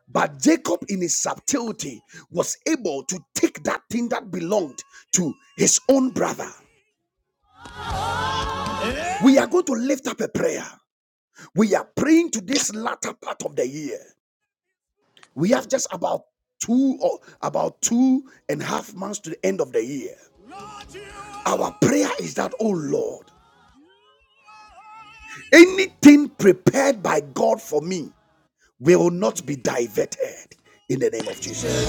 A: But Jacob, in his subtlety, was able to take that thing that belonged to his own brother. We are going to lift up a prayer. We are praying to this latter part of the year. We have just about two or about two and a half months to the end of the year. Our prayer is that, oh Lord, anything prepared by God for me will not be diverted in the name of Jesus.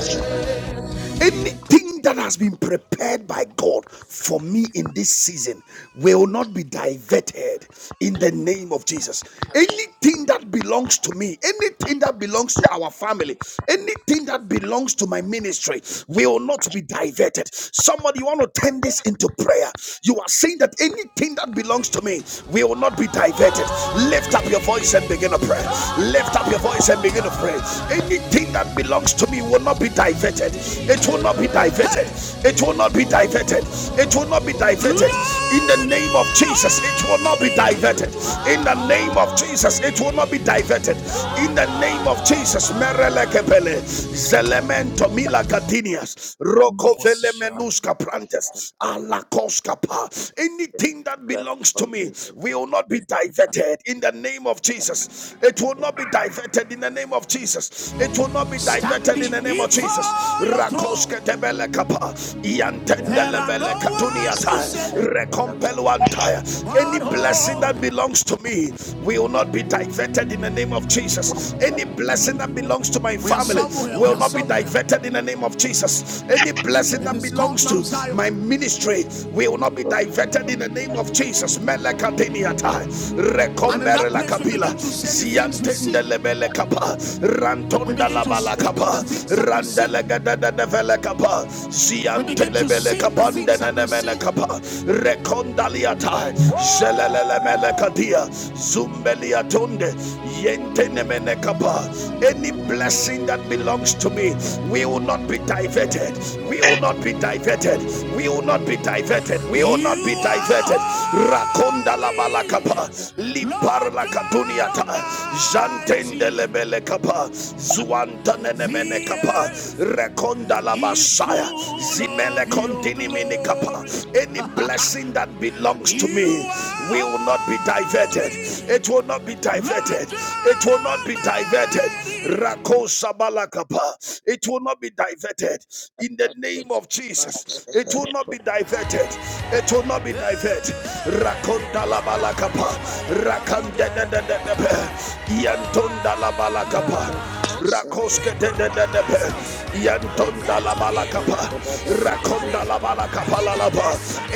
A: Anything that has been prepared by God for me in this season will not be diverted in the name of Jesus. Anything that belongs to me, anything that belongs to our family, anything that belongs to my ministry will not be diverted. Somebody, you want to turn this into prayer. You are saying that anything that belongs to me will not be diverted. Lift up your voice and begin a prayer. Lift up your voice and begin begin to pray. Anything that belongs to me will not be diverted. It will not be diverted. It will not be diverted. It will not be diverted. In the name of Jesus, it will not be diverted. In the name of Jesus, it will not be diverted. In the name of Jesus, Merelekepele, Zelemento Mila Catinias, Rocovele Menuska Prantes, Alakoska Pa. Anything that belongs to me will not be be diverted in the name of Jesus. It will not be diverted in the name of Jesus. It will not be diverted in the name of Jesus. Rakoske tebele kapa, there no katuniata, rekompeluantaya. Any blessing that belongs to me will not be diverted in the name of Jesus. Any blessing that belongs to my family will not be somewhere. diverted in the name of Jesus. Any blessing that belongs to my ministry astray. We will not be diverted in the name of Jesus. Melekatiniata, rekomere la kapila, ziantende lebele kapa, rantonda la bala kapa, randele gada da kapa, ziante lebele kapa, ndenene mene kapa, rekondaliata, zelelele mele kadia, zumbeliatunde, yentene mene kapa. Any blessing that belongs to me we we will not be diverted. We will not be diverted. We will not be diverted. We will not be diverted. Rakonda la balakapa, lipar la katuniata, jantende lebele kapa, zuantane mene kapa, rekonda la basaya, zimele kontini mini kapa. Any blessing that belongs to me will not be diverted. It will not be diverted. It will will not be diverted. Rako Shabalakapa. It will not be diverted. In the name of Jesus, it will not be diverted. It will not be diverted. Rakondalabalakapa. Rakandedededebe. Yantondalabalakapa. Rakoske de de de de pe. Yantonda la balakapa. Rakonda la balakapa la la ba.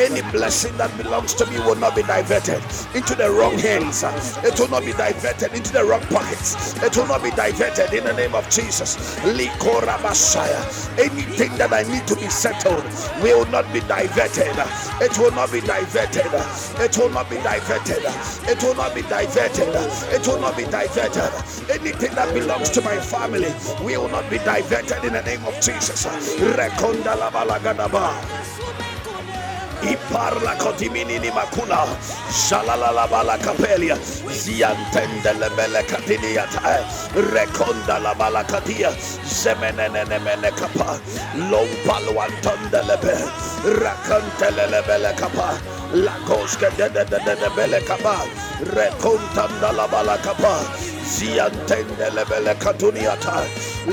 A: Any blessing that belongs to me will not be diverted into the wrong hands. It will not be diverted into the wrong pockets. It will not be diverted in the name of Jesus. Likora Messiah. Anything that I need to be settled will not be diverted. It will not be diverted. It will not be diverted.
B: you.
A: It will not be diverted.
B: Eh,
A: It will not be diverted.
B: rakatarabaraka.
A: Anything that
B: Oh,
A: belongs to my
B: rakatu
A: family will not be
B: sabrata.
A: diverted in the name of Jesus.
B: Alekete
A: Rekonda la balagada ba.
B: rakata
A: Iparla
B: Yakatu
A: kotiminini
B: sabrata.
A: makuna shalalala bala kapelia
B: Yakatu sabrata.
A: ziantende lebele katinia tae rekonda la bala katia zemenene mene kapa lompalo antende lebe rakantele lebele kapa la koske de de de de de bele kapa rekontanda la bala kapa ziantendelebele katuniata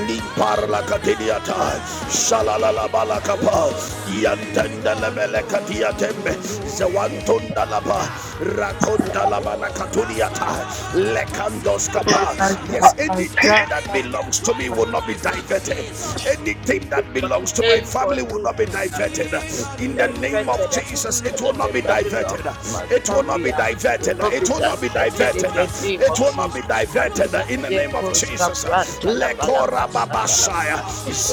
A: limparla
B: Rakatarabaraka.
A: katiniata shalalabalakapa yantendelebele katiatembe zewantundalaba rakondalabalakatuniata lekandoskapa yes anything that belongs to me will not be diverted anything that
B: my
A: belongs to my
B: name for
A: family will
B: it.
A: not be
B: Will
A: diverted
B: not be
A: in the name of
B: diverted.
A: Jesus it will not be
B: Anything that
A: diverted
B: belongs to my
A: it will not
B: family
A: be
B: uh, will
A: diverted
B: not be
A: it will not be diverted
B: diverted in the
A: diverted.
B: name
A: It
B: of
A: will not
B: Jesus.
A: be diverted in the name of
B: Yeko
A: Jesus.
B: Shabra Talabalaka
A: Lekora babashaya.
B: Satalabala.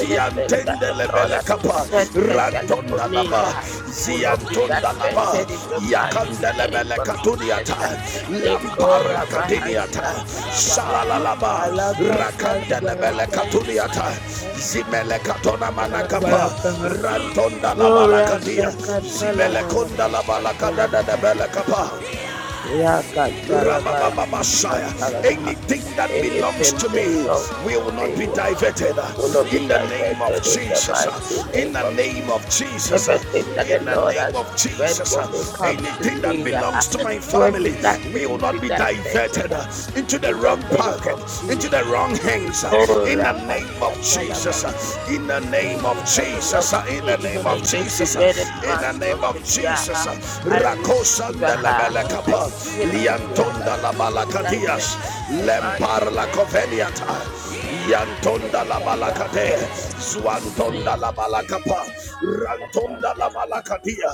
B: Anything that the Lord
A: lebele
B: has
A: kapa.
B: prepared specially for
A: Rantonda
B: me
A: laba.
B: uh, will not be
A: Ziantonda laba.
B: diverted in the mighty
A: Yakanda
B: name
A: lebele
B: of Jesus.
A: katuniata.
B: Leko
A: Lamparla
B: Rabaha
A: katiniata.
B: Satalabaha.
A: Shalalalaba.
B: Alaka
A: Rakanda lebele
B: Talabalaka.
A: katuniata. Zimele katona manakapa.
B: Talabalaka.
A: Rantonda
B: Oh,
A: labala kadia. Zimele konda labala kadada
B: Rasakatalabalakashatalabaha.
A: lebele kapa. Rababababashaya.
B: Yakatalabalakashatalabaha.
A: Anything that belongs
B: Anything
A: to
B: that
A: me
B: comes, not
A: will not
B: stay
A: be diverted
B: will not be
A: in the name of
B: diverted in the
A: Jesus.
B: mighty
A: In the
B: name of
A: name
B: Jesus.
A: of Jesus.
B: Everything that the
A: In the
B: Lord
A: name
B: has
A: of
B: prepared
A: Jesus.
B: for me comes to
A: Anything that
B: me. yeah.
A: belongs to my
B: Will be-
A: family
B: Nothing
A: will
B: will be
A: not be
B: diverted
A: diverted into the
B: in the
A: wrong
B: name
A: pocket,
B: of
A: into the
B: Jesus.
A: wrong
B: yeah.
A: hands.
B: Oh,
A: In the name of
B: Rakashatalabalakashatalabaha.
A: Jesus. In the name of
B: Anything that
A: Jesus.
B: belongs to
A: In in
B: me,
A: the name
B: even
A: of
B: against the
A: Jesus,
B: men and
A: in the
B: months of
A: name of
B: the year,
A: Jesus,
B: I receive
A: Rakosanda la
B: her. I
A: Belacapa,
B: decree and I declare that
A: Liantonda
B: it
A: la
B: will not be
A: Balacatias,
B: diverted in the mind,
A: Lempar la
B: name of Jesus.
A: Coveliata, Yantonda la Balacate, Zuantonda la Balacapa, Rantonda la Balacatia,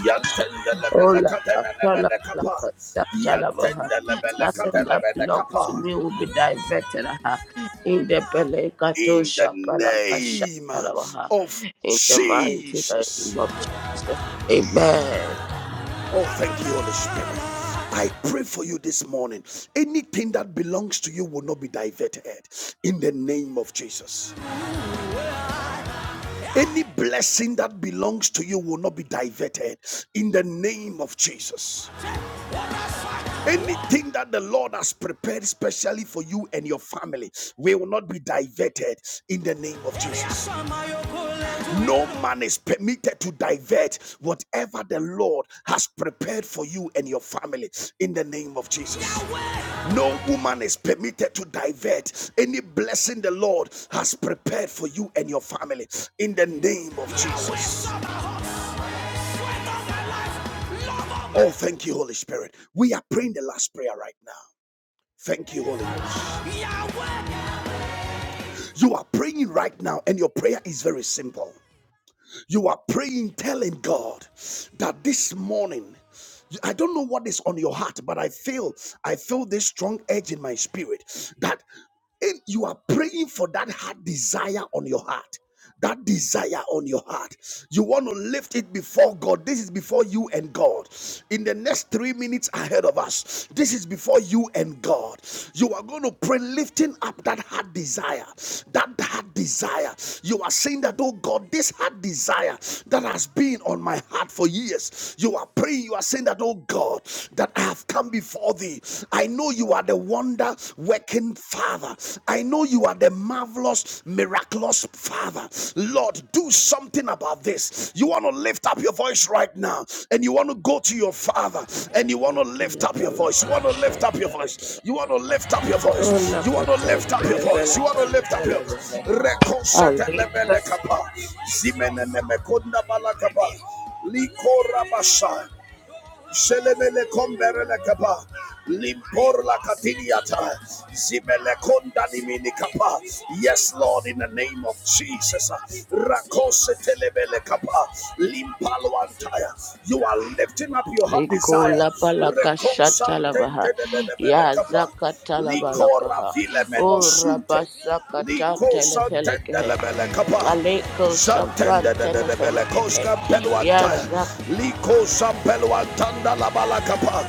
A: Yantenda la
B: Oh, la, la,
A: Belacatena la
B: la, la, la,
A: Belacapa,
B: la, la, la, la.
A: Yantenda la
B: Nothing
A: Belacatena la
B: that belongs to
A: Belacapa.
B: me will be diverted uh, in the Belekato
A: In the
B: Shapalakasha
A: name of
B: in the mighty
A: Jesus.
B: name of Jesus. Amen.
A: Oh, thank you, Holy Spirit. I pray for you this morning. Anything that belongs to you will not be diverted in the name of Jesus. Any blessing that belongs to you will not be diverted in the name of Jesus. Anything that the Lord has prepared specially for you and your family will not be diverted in the name of Jesus. No man is permitted to divert whatever the Lord has prepared for you and your family in the name of Jesus. No woman is permitted to divert any blessing the Lord has prepared for you and your family in the name of Jesus. Oh, thank you, Holy Spirit. We are praying the last prayer right now. Thank you, Holy Spirit. You are praying right now, and your prayer is very simple. You are praying, telling God that this morning, I don't know what is on your heart, but I feel I feel this strong edge in my spirit that in- you are praying for that heart desire on your heart. That desire on your heart, you want to lift it before God. This is before you and God. In the next three minutes ahead of us, this is before you and God. You are going to pray, lifting up that heart desire. That heart desire. You are saying that, oh God, this heart desire that has been on my heart for years. You are praying, you are saying that, oh God, that I have come before thee. I know you are the wonder working Father. I know you are the marvelous miracle back loss, Father. Lord, do something about this. You want to lift up your voice right now and you want to go to your Father and you want to lift up your voice. You want to lift up your voice. You want to lift up your voice. You want to lift up your voice. You want to lift up your voice. Rekosetelebelekapa. Zimenenemekondabala- Rakaba, Shelemele komberele kapa. Limpor la katiniata. Zibele konda nimini kapa. Yes, Lord, in the name of Jesus. Rakose telebele kapa. Limpalo antaya. You are lifting up your heart desire.
B: Ikola palaka
A: Rekosantente
B: shatalabaha
A: de de de bele
B: ya
A: kapa. Liko
B: zakatalabalakaha
A: Ravile
B: o
A: Menosunte,
B: rabasakata
A: Liko
B: telefelekehe
A: Santendelebele Kapa,
B: aleko shapran
A: Santendelebele
B: telefelekehe
A: Koska
B: ya
A: Peluantaya, Liko Sampeluantanda Labala Kapa,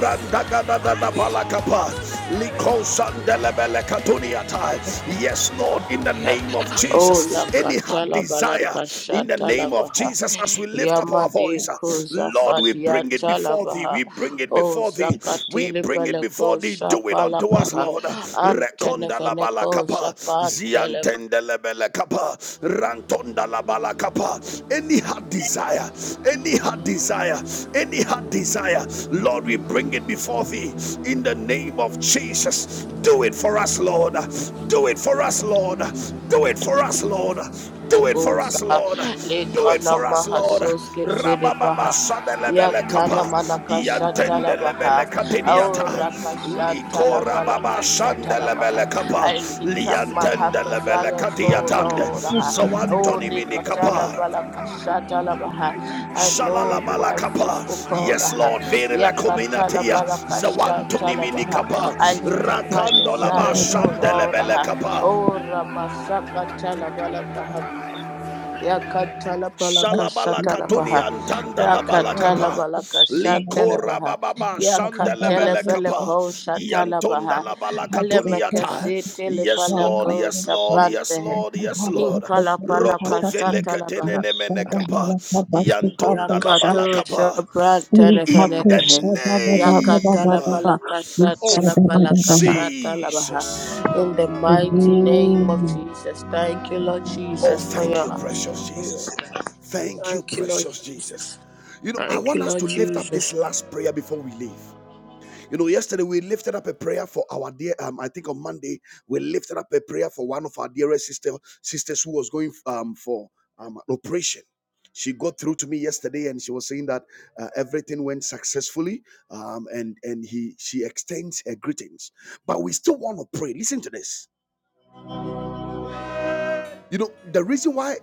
A: Randagada da Labala Kapa, Liko Sandelebele Katuniata. Yes, Lord, in the name of
B: Oh,
A: Jesus,
B: la
A: any hard
B: katalaba la
A: desire,
B: balakasha
A: in the name name of
B: talabaha.
A: Jesus, as we lift up our
B: Yamade
A: voice, uh,
B: koza
A: Lord, we
B: fadia
A: bring it before thee. We
B: talabaha.
A: bring it
B: Oh,
A: before thee. We
B: zakatili
A: bring it before
B: balako
A: thee. Do it unto us,
B: shapalakaha.
A: Lord. Rekonda la
B: Antenefeneko
A: balakapa,
B: zapanteleva.
A: ziantende lebele kapa, rantonda la balakapa. Any heart desire, any heart desire, any heart desire, Lord, we bring it before thee in the name of of Jesus. Do it for us, Lord. Do it for us, Lord. Do it for us, Lord. Do it for
B: Lekoza
A: us, Lord. Do it
B: lekana
A: for us, Lord.
B: mahasoske
A: Rabababa
B: telebaha
A: sadelebele
B: yatana
A: kapa.
B: manakashata labaha
A: Yantendelebele
B: aura
A: kapiniata.
B: kashata
A: Liko
B: labala
A: rababa
B: kashata labaha.
A: sandelebele kapa.
B: I lift up my heart
A: Liantendelebele
B: desire, so
A: katiatande.
B: Lord.
D: Yes,
B: ah. Oh,
A: Zawantoni
B: the katala
A: minikapa.
B: bala kashata labaha. I know you are a
A: Shalalabalakapa.
B: faithful God.
A: Yes,
B: ah.
A: Lord, very la
B: Yakatala
A: comminatia.
B: bala kashata
A: Zawantonimini
B: labaha.
A: kapa.
B: I lift up my
A: Rakandolaba
B: desires, oh Lord.
A: shandelebele
B: ah.
A: kapa.
B: Oh, Ramasaka talabala Yakatala balaka shatala
A: Shalabalakatuni
B: baha.
A: antanda
B: Yakatala
A: labalakapa.
B: balaka shatala
A: Likora
B: baha.
A: bababa
B: Yakatele
A: shandelebele
B: fele
A: kapa.
B: ko shatala
A: Yantonda
B: baha.
D: Amen.
B: Ale
A: labalakatuni
D: Amen.
A: ata.
B: mekesi tele
A: Yes, Lord,
B: palako
A: yes, Lord,
B: sapante
A: yes,
B: he.
A: Lord, yes, Lord.
B: Inkala palaka
A: Roko veleke
B: shatala baha.
A: denene mene kapa. Yantonda
B: Yakato
A: labalakapa.
B: shabrante ne
A: in the
B: feneke he.
A: name
B: Yakatala palaka shatala
A: of
B: palaka shatala baha.
A: Jesus.
B: In the mighty name of Jesus. Thank you, Lord
A: Oh,
B: Jesus, for
A: thank
B: your
A: you, precious
B: answer.
A: Jesus. Thank you,
B: Thank you, Lord
A: precious Jesus.
B: Jesus.
A: You know, I
B: Thank you,
A: want us
B: Lord
A: to lift up
B: Jesus.
A: this last prayer before we leave. You know, yesterday we lifted up a prayer for our dear. Um, I think on Monday we lifted up a prayer for one of our dearest sister sisters who was going um for um an operation. She got through to me yesterday, and she was saying that uh, everything went successfully, um, and and he she extends her greetings. But we still want to pray. Listen to this. You know, the reason why.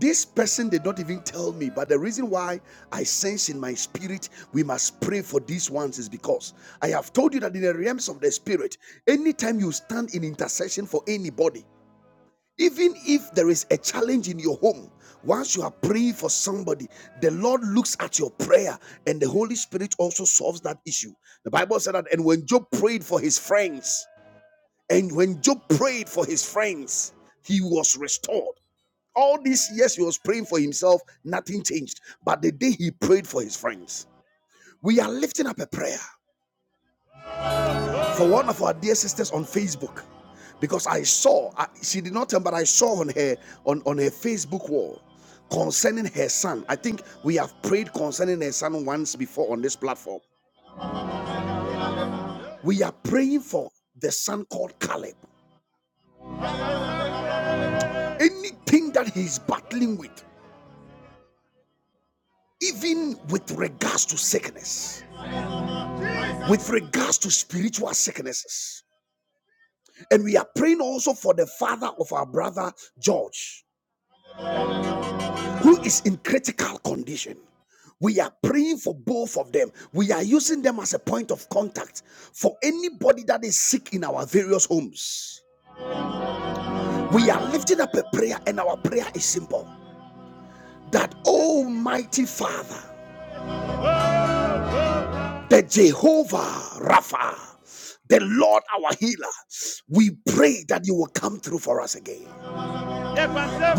A: This person did not even tell me, but the reason why I sense in my spirit we must pray for these ones is because I have told you that in the realms of the spirit, anytime you stand in intercession for anybody, even if there is a challenge in your home, once you are praying for somebody, the Lord looks at your prayer and the Holy Spirit also solves that issue. The Bible said that, and when Job prayed for his friends, and when Job prayed for his friends, he was restored. All these years he was praying for himself, nothing changed. But the day he prayed for his friends, we are lifting up a prayer for one of our dear sisters on Facebook. Because I saw, I, she did not tell, but I saw on her on, on her Facebook wall concerning her son. I think we have prayed concerning her son once before on this platform. We are praying for the son called Caleb. Anything that he's battling with, even with regards to sickness, with regards to spiritual sicknesses. And we are praying also for the father of our brother George, who is in critical condition. We are praying for both of them. We are using them as a point of contact for anybody that is sick in our various homes. We are lifting up a prayer, and our prayer is simple that Almighty Father. the Jehovah Rapha, the Lord our healer. We pray that you will come through for us again.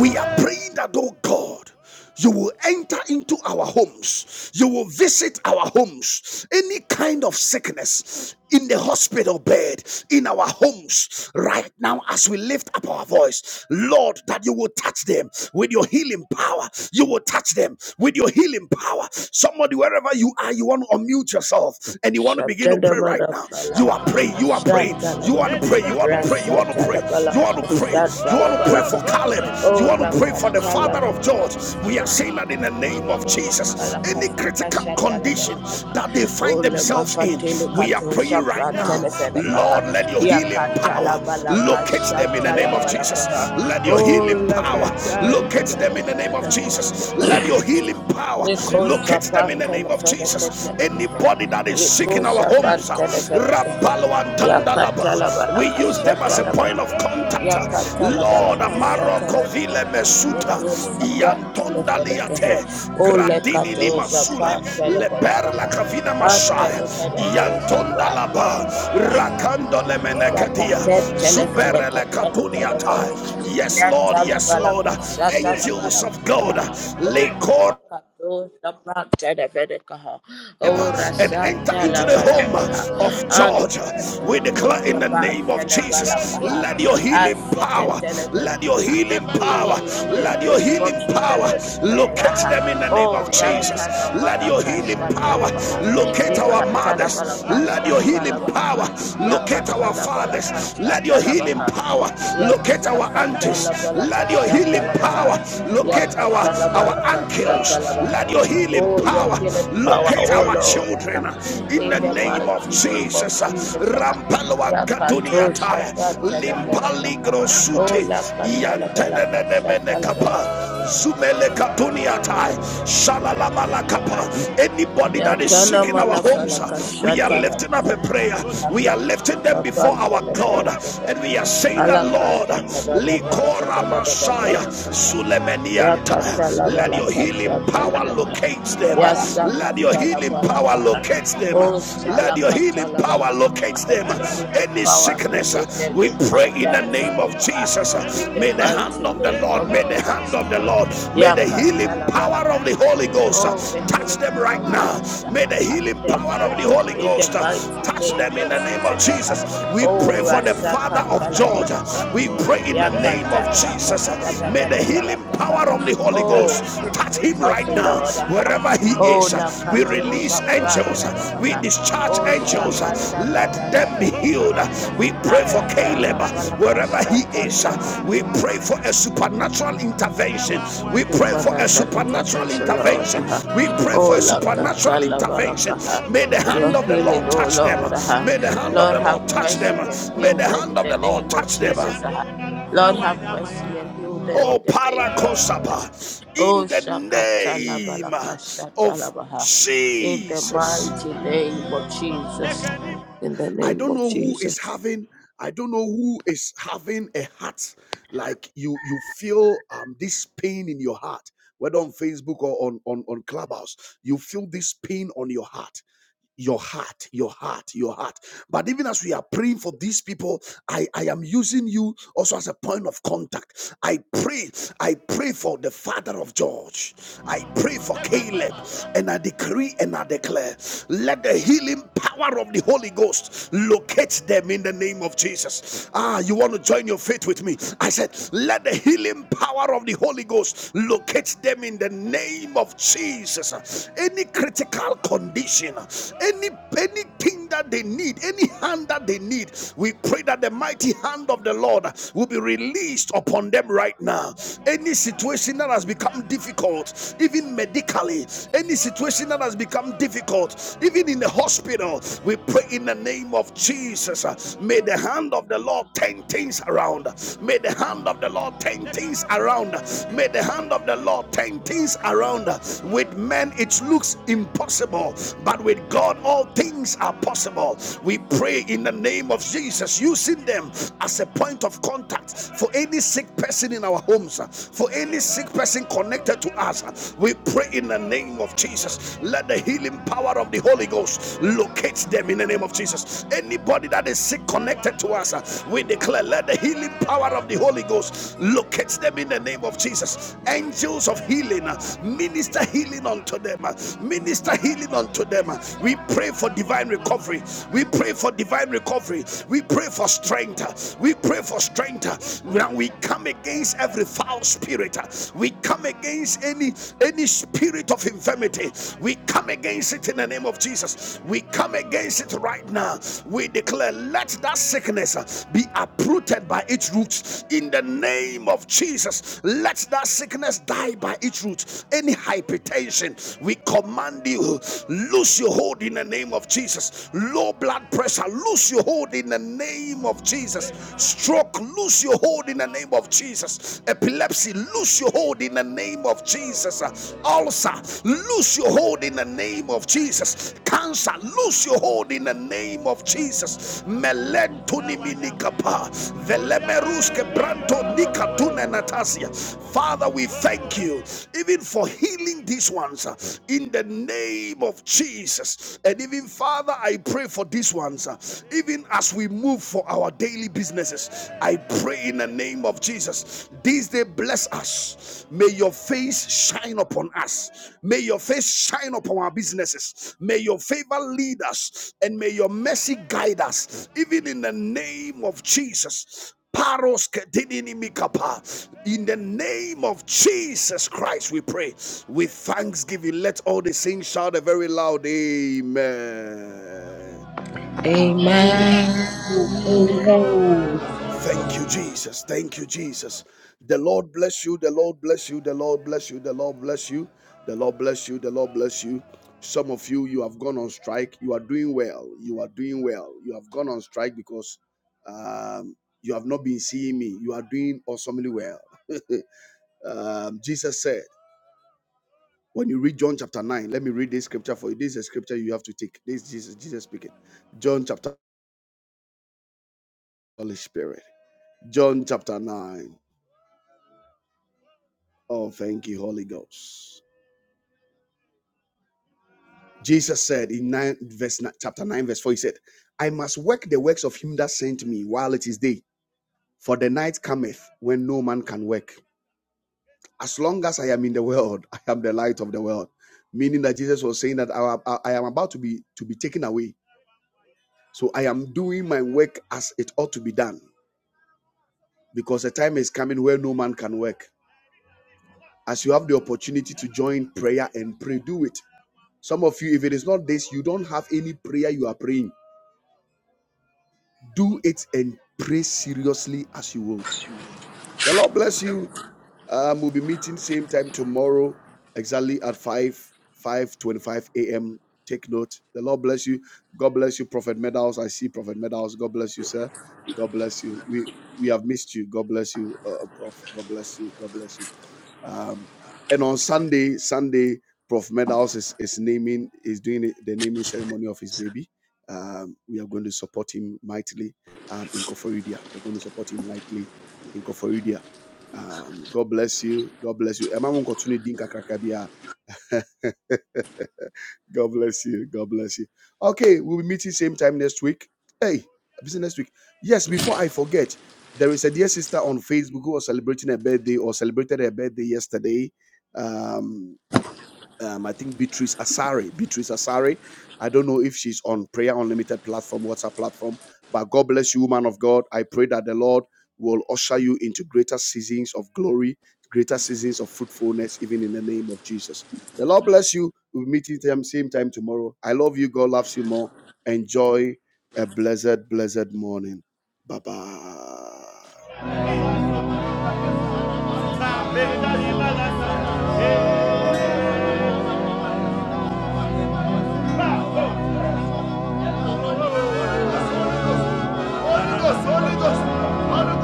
A: We are praying that, oh God, you will enter into our homes. You will visit our homes. Any kind of sickness in the hospital bed, in our homes, right now, as we lift up our voice, Lord, that you will touch them with your healing power. You will touch them with your healing power. Somebody, wherever you are, you want to unmute yourself and you want to begin to pray right
B: Shatadamana
A: now. You are
B: falaka
A: praying, you are praying, you
B: hashatalabaha
A: want to pray, you want to pray. You want to pray. You want
B: rasatalabalaka
A: to pray. You want to pray for
B: shatalabalaha
A: Caleb. You
B: o
A: want to pray for the father
B: rakatala
A: of George. We are saying that in the name of Jesus,
B: balaka
A: any critical
B: sakasha
A: condition
B: talabalaka
A: that they
B: o
A: find
B: le
A: themselves in,
B: mafatele
A: we are
B: kato
A: praying right
B: shapra
A: now.
B: telefene kaha
A: Lord, let your healing
B: yakatala
A: power
B: balaka
A: locate them in the name of Jesus.
B: shatalabalaka
A: Let your
B: o
A: healing power
B: lakata
A: locate them in the name of Jesus. Let your healing power
B: Eko
A: locate them
B: shapan
A: in the name of
B: telefele ke
A: Jesus.
B: televehe.
A: Anybody that is is sick
B: Eko
A: in our
B: shapan
A: homes.
B: telefele ke he.
A: Rapalo
B: Yakata la
A: Tandalaba. We
B: balaka
A: use them
B: shata
A: as a
B: la
A: point of
B: baha.
A: contact.
B: Yakata la
A: Lord,
B: balaka
A: Amaro
B: shata la baha.
A: Kovile Mesuta,
B: Eko shapan telefele ke he.
A: Iantondaliate,
B: Ole
A: Gradini ni
B: kato
A: Masula,
B: shapan telefele ke
A: Leperla
B: ha.
A: Kavina
B: Ante
A: Masaya,
B: telefele ko shapan
A: Iantondalaba,
B: telefele
A: Rakando Lemeneketia,
B: Sakaten telefele
A: Zuberele
B: keten
A: Katuniata.
B: telefele.
A: Yes, Lord, yes, Lord.
B: Yatalabalaka
A: Angels of God,
B: shatalabalaka. Oh,
A: Lekor
B: Nabakato Sabran telefele kaha. Bakato, Sapan, Telefenecaha, O
A: and
B: Rasa,
A: enter into the home
B: Talabalakaha,
A: of
B: and
A: Georgia. We
B: Telefeneco,
A: declare in the name of
B: Sapan,
A: Jesus,
B: kaha.
A: let your healing
B: Asaka,
A: power, let your
B: Telefelekaha.
A: healing power,
B: Healing in the
A: let your
B: name of
A: healing
B: Jesus,
A: power
B: we declare.
A: locate
B: aha.
A: them in the name
B: Oh,
A: of Jesus.
B: Yatana
A: Let your
B: Manaka
A: healing power
B: Shatalabaha,
A: locate our mothers. Let your healing
B: Yekatalabalaka
A: power locate our fathers. Let your healing
B: Yakatalabakashatalabaha.
A: power locate our aunties. Let your healing
B: Yakatalabakashatalabaha.
A: power locate our our uncles. Let
B: Yakatalabakashatalabaha.
A: your your healing
B: Oh, your
A: power
B: healing power,
A: locate
B: oh
A: our
B: Lord.
A: children
B: ah.
A: in the
B: In the
A: name of
B: mighty name of
A: Jesus.
B: Jesus. ah.
A: Rampalwa Gaduniata
B: Yakatoshatatalabalakaha.
A: Limpaligro
B: Oh,
A: Sute Yantenemene
B: Lakatalabakashatalabaha.
A: Kapa Zumele Katuniata Shalalamala Kapa. Anybody that is sick
B: Yatana
A: in our homes, we are lifting up
B: manafalakashatalabaha.
A: a prayer.
B: Let
A: We are
B: your healing
A: lifting them before our
B: power
A: God and we are saying that Lord, Likora Messiah, Sulemenianta, let your healing power locate them. Let your healing power locate them. Let your healing power locate them. Any sickness, uh,
B: locate
A: we
B: every
A: pray
B: man
A: in the
B: that is
A: name of
B: sick,
A: Jesus.
B: uh, in
A: uh,
B: the
A: May the hand
B: mighty
A: of the
B: name
A: Lord,
B: of
A: may the hand
B: Jesus.
A: of the Lord, may the healing
B: Yakatalabala.
A: power of the Holy Ghost uh,
B: Oh, the
A: touch
B: healing of
A: them right
B: your
A: now.
B: wings
A: May the healing
B: them
A: power of
B: ah,
A: the Holy
B: in the
A: Ghost uh,
B: mighty
A: touch them
B: name
A: in
B: of
A: the name of
B: Jesus. ah.
A: Jesus. We pray
B: Oh,
A: for the Father
B: Rasaka
A: of Georgia.
B: Talabalaka.
A: We pray in the name of
B: Yakata
A: Jesus.
B: Dakata da da
A: May
B: da
A: the
B: da
A: healing
B: balaka. ah.
A: power of the Holy Ghost
B: Oh, quick
A: touch him right
B: recovery,
A: now,
B: Lord. ah.
A: wherever he
B: Oh,
A: is. We
B: Lakato
A: release
B: Shapra
A: angels, we
B: Tenevaha.
A: discharge
B: Oh,
A: angels,
B: Shakata da
A: let
B: da da
A: them
B: da
A: be
B: da
A: healed.
B: baha.
A: We pray for
B: Akata la
A: Caleb,
B: palaka
A: wherever he
B: shata la
A: is.
B: baha
A: We pray for a supernatural intervention. We pray for a
B: supernatural
A: supernatural
B: intervention, Lord.
A: intervention.
B: Uh-huh.
A: We pray for
B: Oh,
A: a supernatural intervention.
B: Lakatalabakaha.
A: May the hand
B: Your
A: of the
B: healing,
A: Lord
B: oh
A: touch them.
B: Lord. Uh-huh.
A: May the hand of
B: Lord,
A: the
B: have
A: Lord touch them.
B: mercy and
A: May
B: heal
A: the
B: them
A: hand
B: in
A: of
B: the
A: the Lord
B: name of
A: touch them.
B: Jesus. Uh-huh. Lord, have mercy and heal them in
A: Oh,
B: the name of Jesus.
A: Paracosaba,
B: Oh,
A: in the name of
B: Shakatalabalakashatalabaha. In the
A: Jesus.
B: mighty name of Jesus. In the
A: I
B: name
A: don't
B: of
A: know who
B: Jesus.
A: is having. I don't know who is having a heart like you. You feel um, this pain in your heart, whether on Facebook or on on on Clubhouse. You feel this pain on your heart your heart, your heart, your heart. But even as we are praying for these people, I, I am using you also as a point of contact. I pray, I pray for the father of George. I pray for Caleb. And I decree and I declare, let the let the healing power of the Holy Ghost locate them in the name of Jesus. Ah, you want to join your faith with me? I said, let the healing power of the Holy Ghost locate them in the name of Jesus. Any critical condition, any anything that they need, any hand that they need, we pray that the mighty hand of the Lord will be released upon them right now. Any situation that has become difficult, even medically, any situation situation that has become difficult, even in the hospital, we pray in the name of Jesus. uh, May the hand of the Lord turn things around. May the hand of the Lord turn things around. May the hand of the Lord turn things around. With men, it looks impossible, but with God, all things are possible. We pray in the name of Jesus, using them as a point of contact for any sick person in our homes, uh, for any sick person connected to to us. We pray in the name of Jesus. Let the healing power of the Holy Ghost locate them in the name of Jesus. Anybody that is sick connected to us, uh, we declare, let the healing power of the Holy Ghost locate them in the name of Jesus. Angels of healing, uh, minister healing unto them, uh, minister healing unto them. uh. We pray for divine recovery. We pray for divine recovery. We pray for strength. uh, We pray for strength. uh. Now we come against every fire foul spirit. We come against any any spirit of infirmity. We come against it in the name of Jesus. We come against it right now. We declare, let that sickness uh, be uprooted by its roots in the name of Jesus. Let that sickness die by its roots. Any hypertension, we command you, loose your hold in the name of Jesus. Low blood pressure, loose your hold in the name of Jesus. Stroke, loose lose your hold in the name of Jesus. Epilepsy, lose your hold in the name of Jesus. Uh, Ulcer, lose your hold in the name of Jesus. Cancer, lose your hold in the name of Jesus. Father, we thank you even for healing these ones uh, in the name of Jesus. And even Father, I pray for these ones, uh, even as we move people for our daily businesses. I pray in the name of Jesus. This day, bless us. May your face shine upon us. May your face shine upon our businesses. May your favor lead us and may your mercy guide us. Even in the name of Jesus. Paros kedinimikapa. In the name of Jesus Christ, we pray with thanksgiving. Let all the saints shout a very loud Amen.
B: Amen.
D: Amen.
A: Thank you, Jesus. Thank you, Jesus. The Lord bless you. The Lord bless you. The Lord bless you. The Lord bless you. The Lord bless you. The Lord bless you. Some of you, you have gone on strike. You are doing well. You are doing well. You have gone on strike because um, you have not been seeing me. You are doing awesomely well. um, Jesus said, when you read John chapter 9, let me read this scripture for you. This is a scripture you have to take. This is Jesus, Jesus speaking. John chapter, Holy Spirit. John chapter 9. Oh, thank you, Holy Ghost. Jesus said in nine, verse chapter 9, verse 4, he said, I must work the works of him that sent me while it is day, for the night cometh when no man can work. As long as I am in the world, I am the light of the world. Meaning that Jesus was saying that I, I I am about to be to be taken away. So I am doing my work as it ought to be done. Because the time is coming where no man can work. As you have the opportunity to join prayer and pray, do it. Some of you, if it is not this, you don't have any prayer you are praying do it and pray seriously as you would. The Lord bless you. Um, we'll be meeting same time tomorrow, exactly at 5 five twenty-five a.m. Take note. The Lord bless you. God bless you, Prophet Medals. I see Prophet Medals. God bless you, sir. God bless you. We we have missed you. God bless you, uh, uh, Prof. God bless you. God bless you. Um, and on Sunday, Sunday, Prof. Medals is, is naming, is doing the the naming ceremony of his baby. Um, we are going to support him mightily um, in Koforidia. We are going to support him mightily in Koforidia. Um, God bless you. God bless you. Emma Monkotuni Dinka God bless you. God bless you. Okay, we'll be meeting same time next week. Hey, busy next week. Yes, before I forget, there is a dear sister on Facebook who was celebrating her birthday or celebrated her birthday yesterday. Um, um, I think Beatrice Asari. Beatrice Asari. I don't know if she's on Prayer Unlimited platform, WhatsApp platform, but God bless you, woman of God. I pray that the Lord will usher you into greater seasons of glory, greater seasons of fruitfulness, even in the name of Jesus. The Lord bless you. We'll meet at the same time tomorrow. I love you. God loves you more. Enjoy a blessed, blessed morning. Bye bye.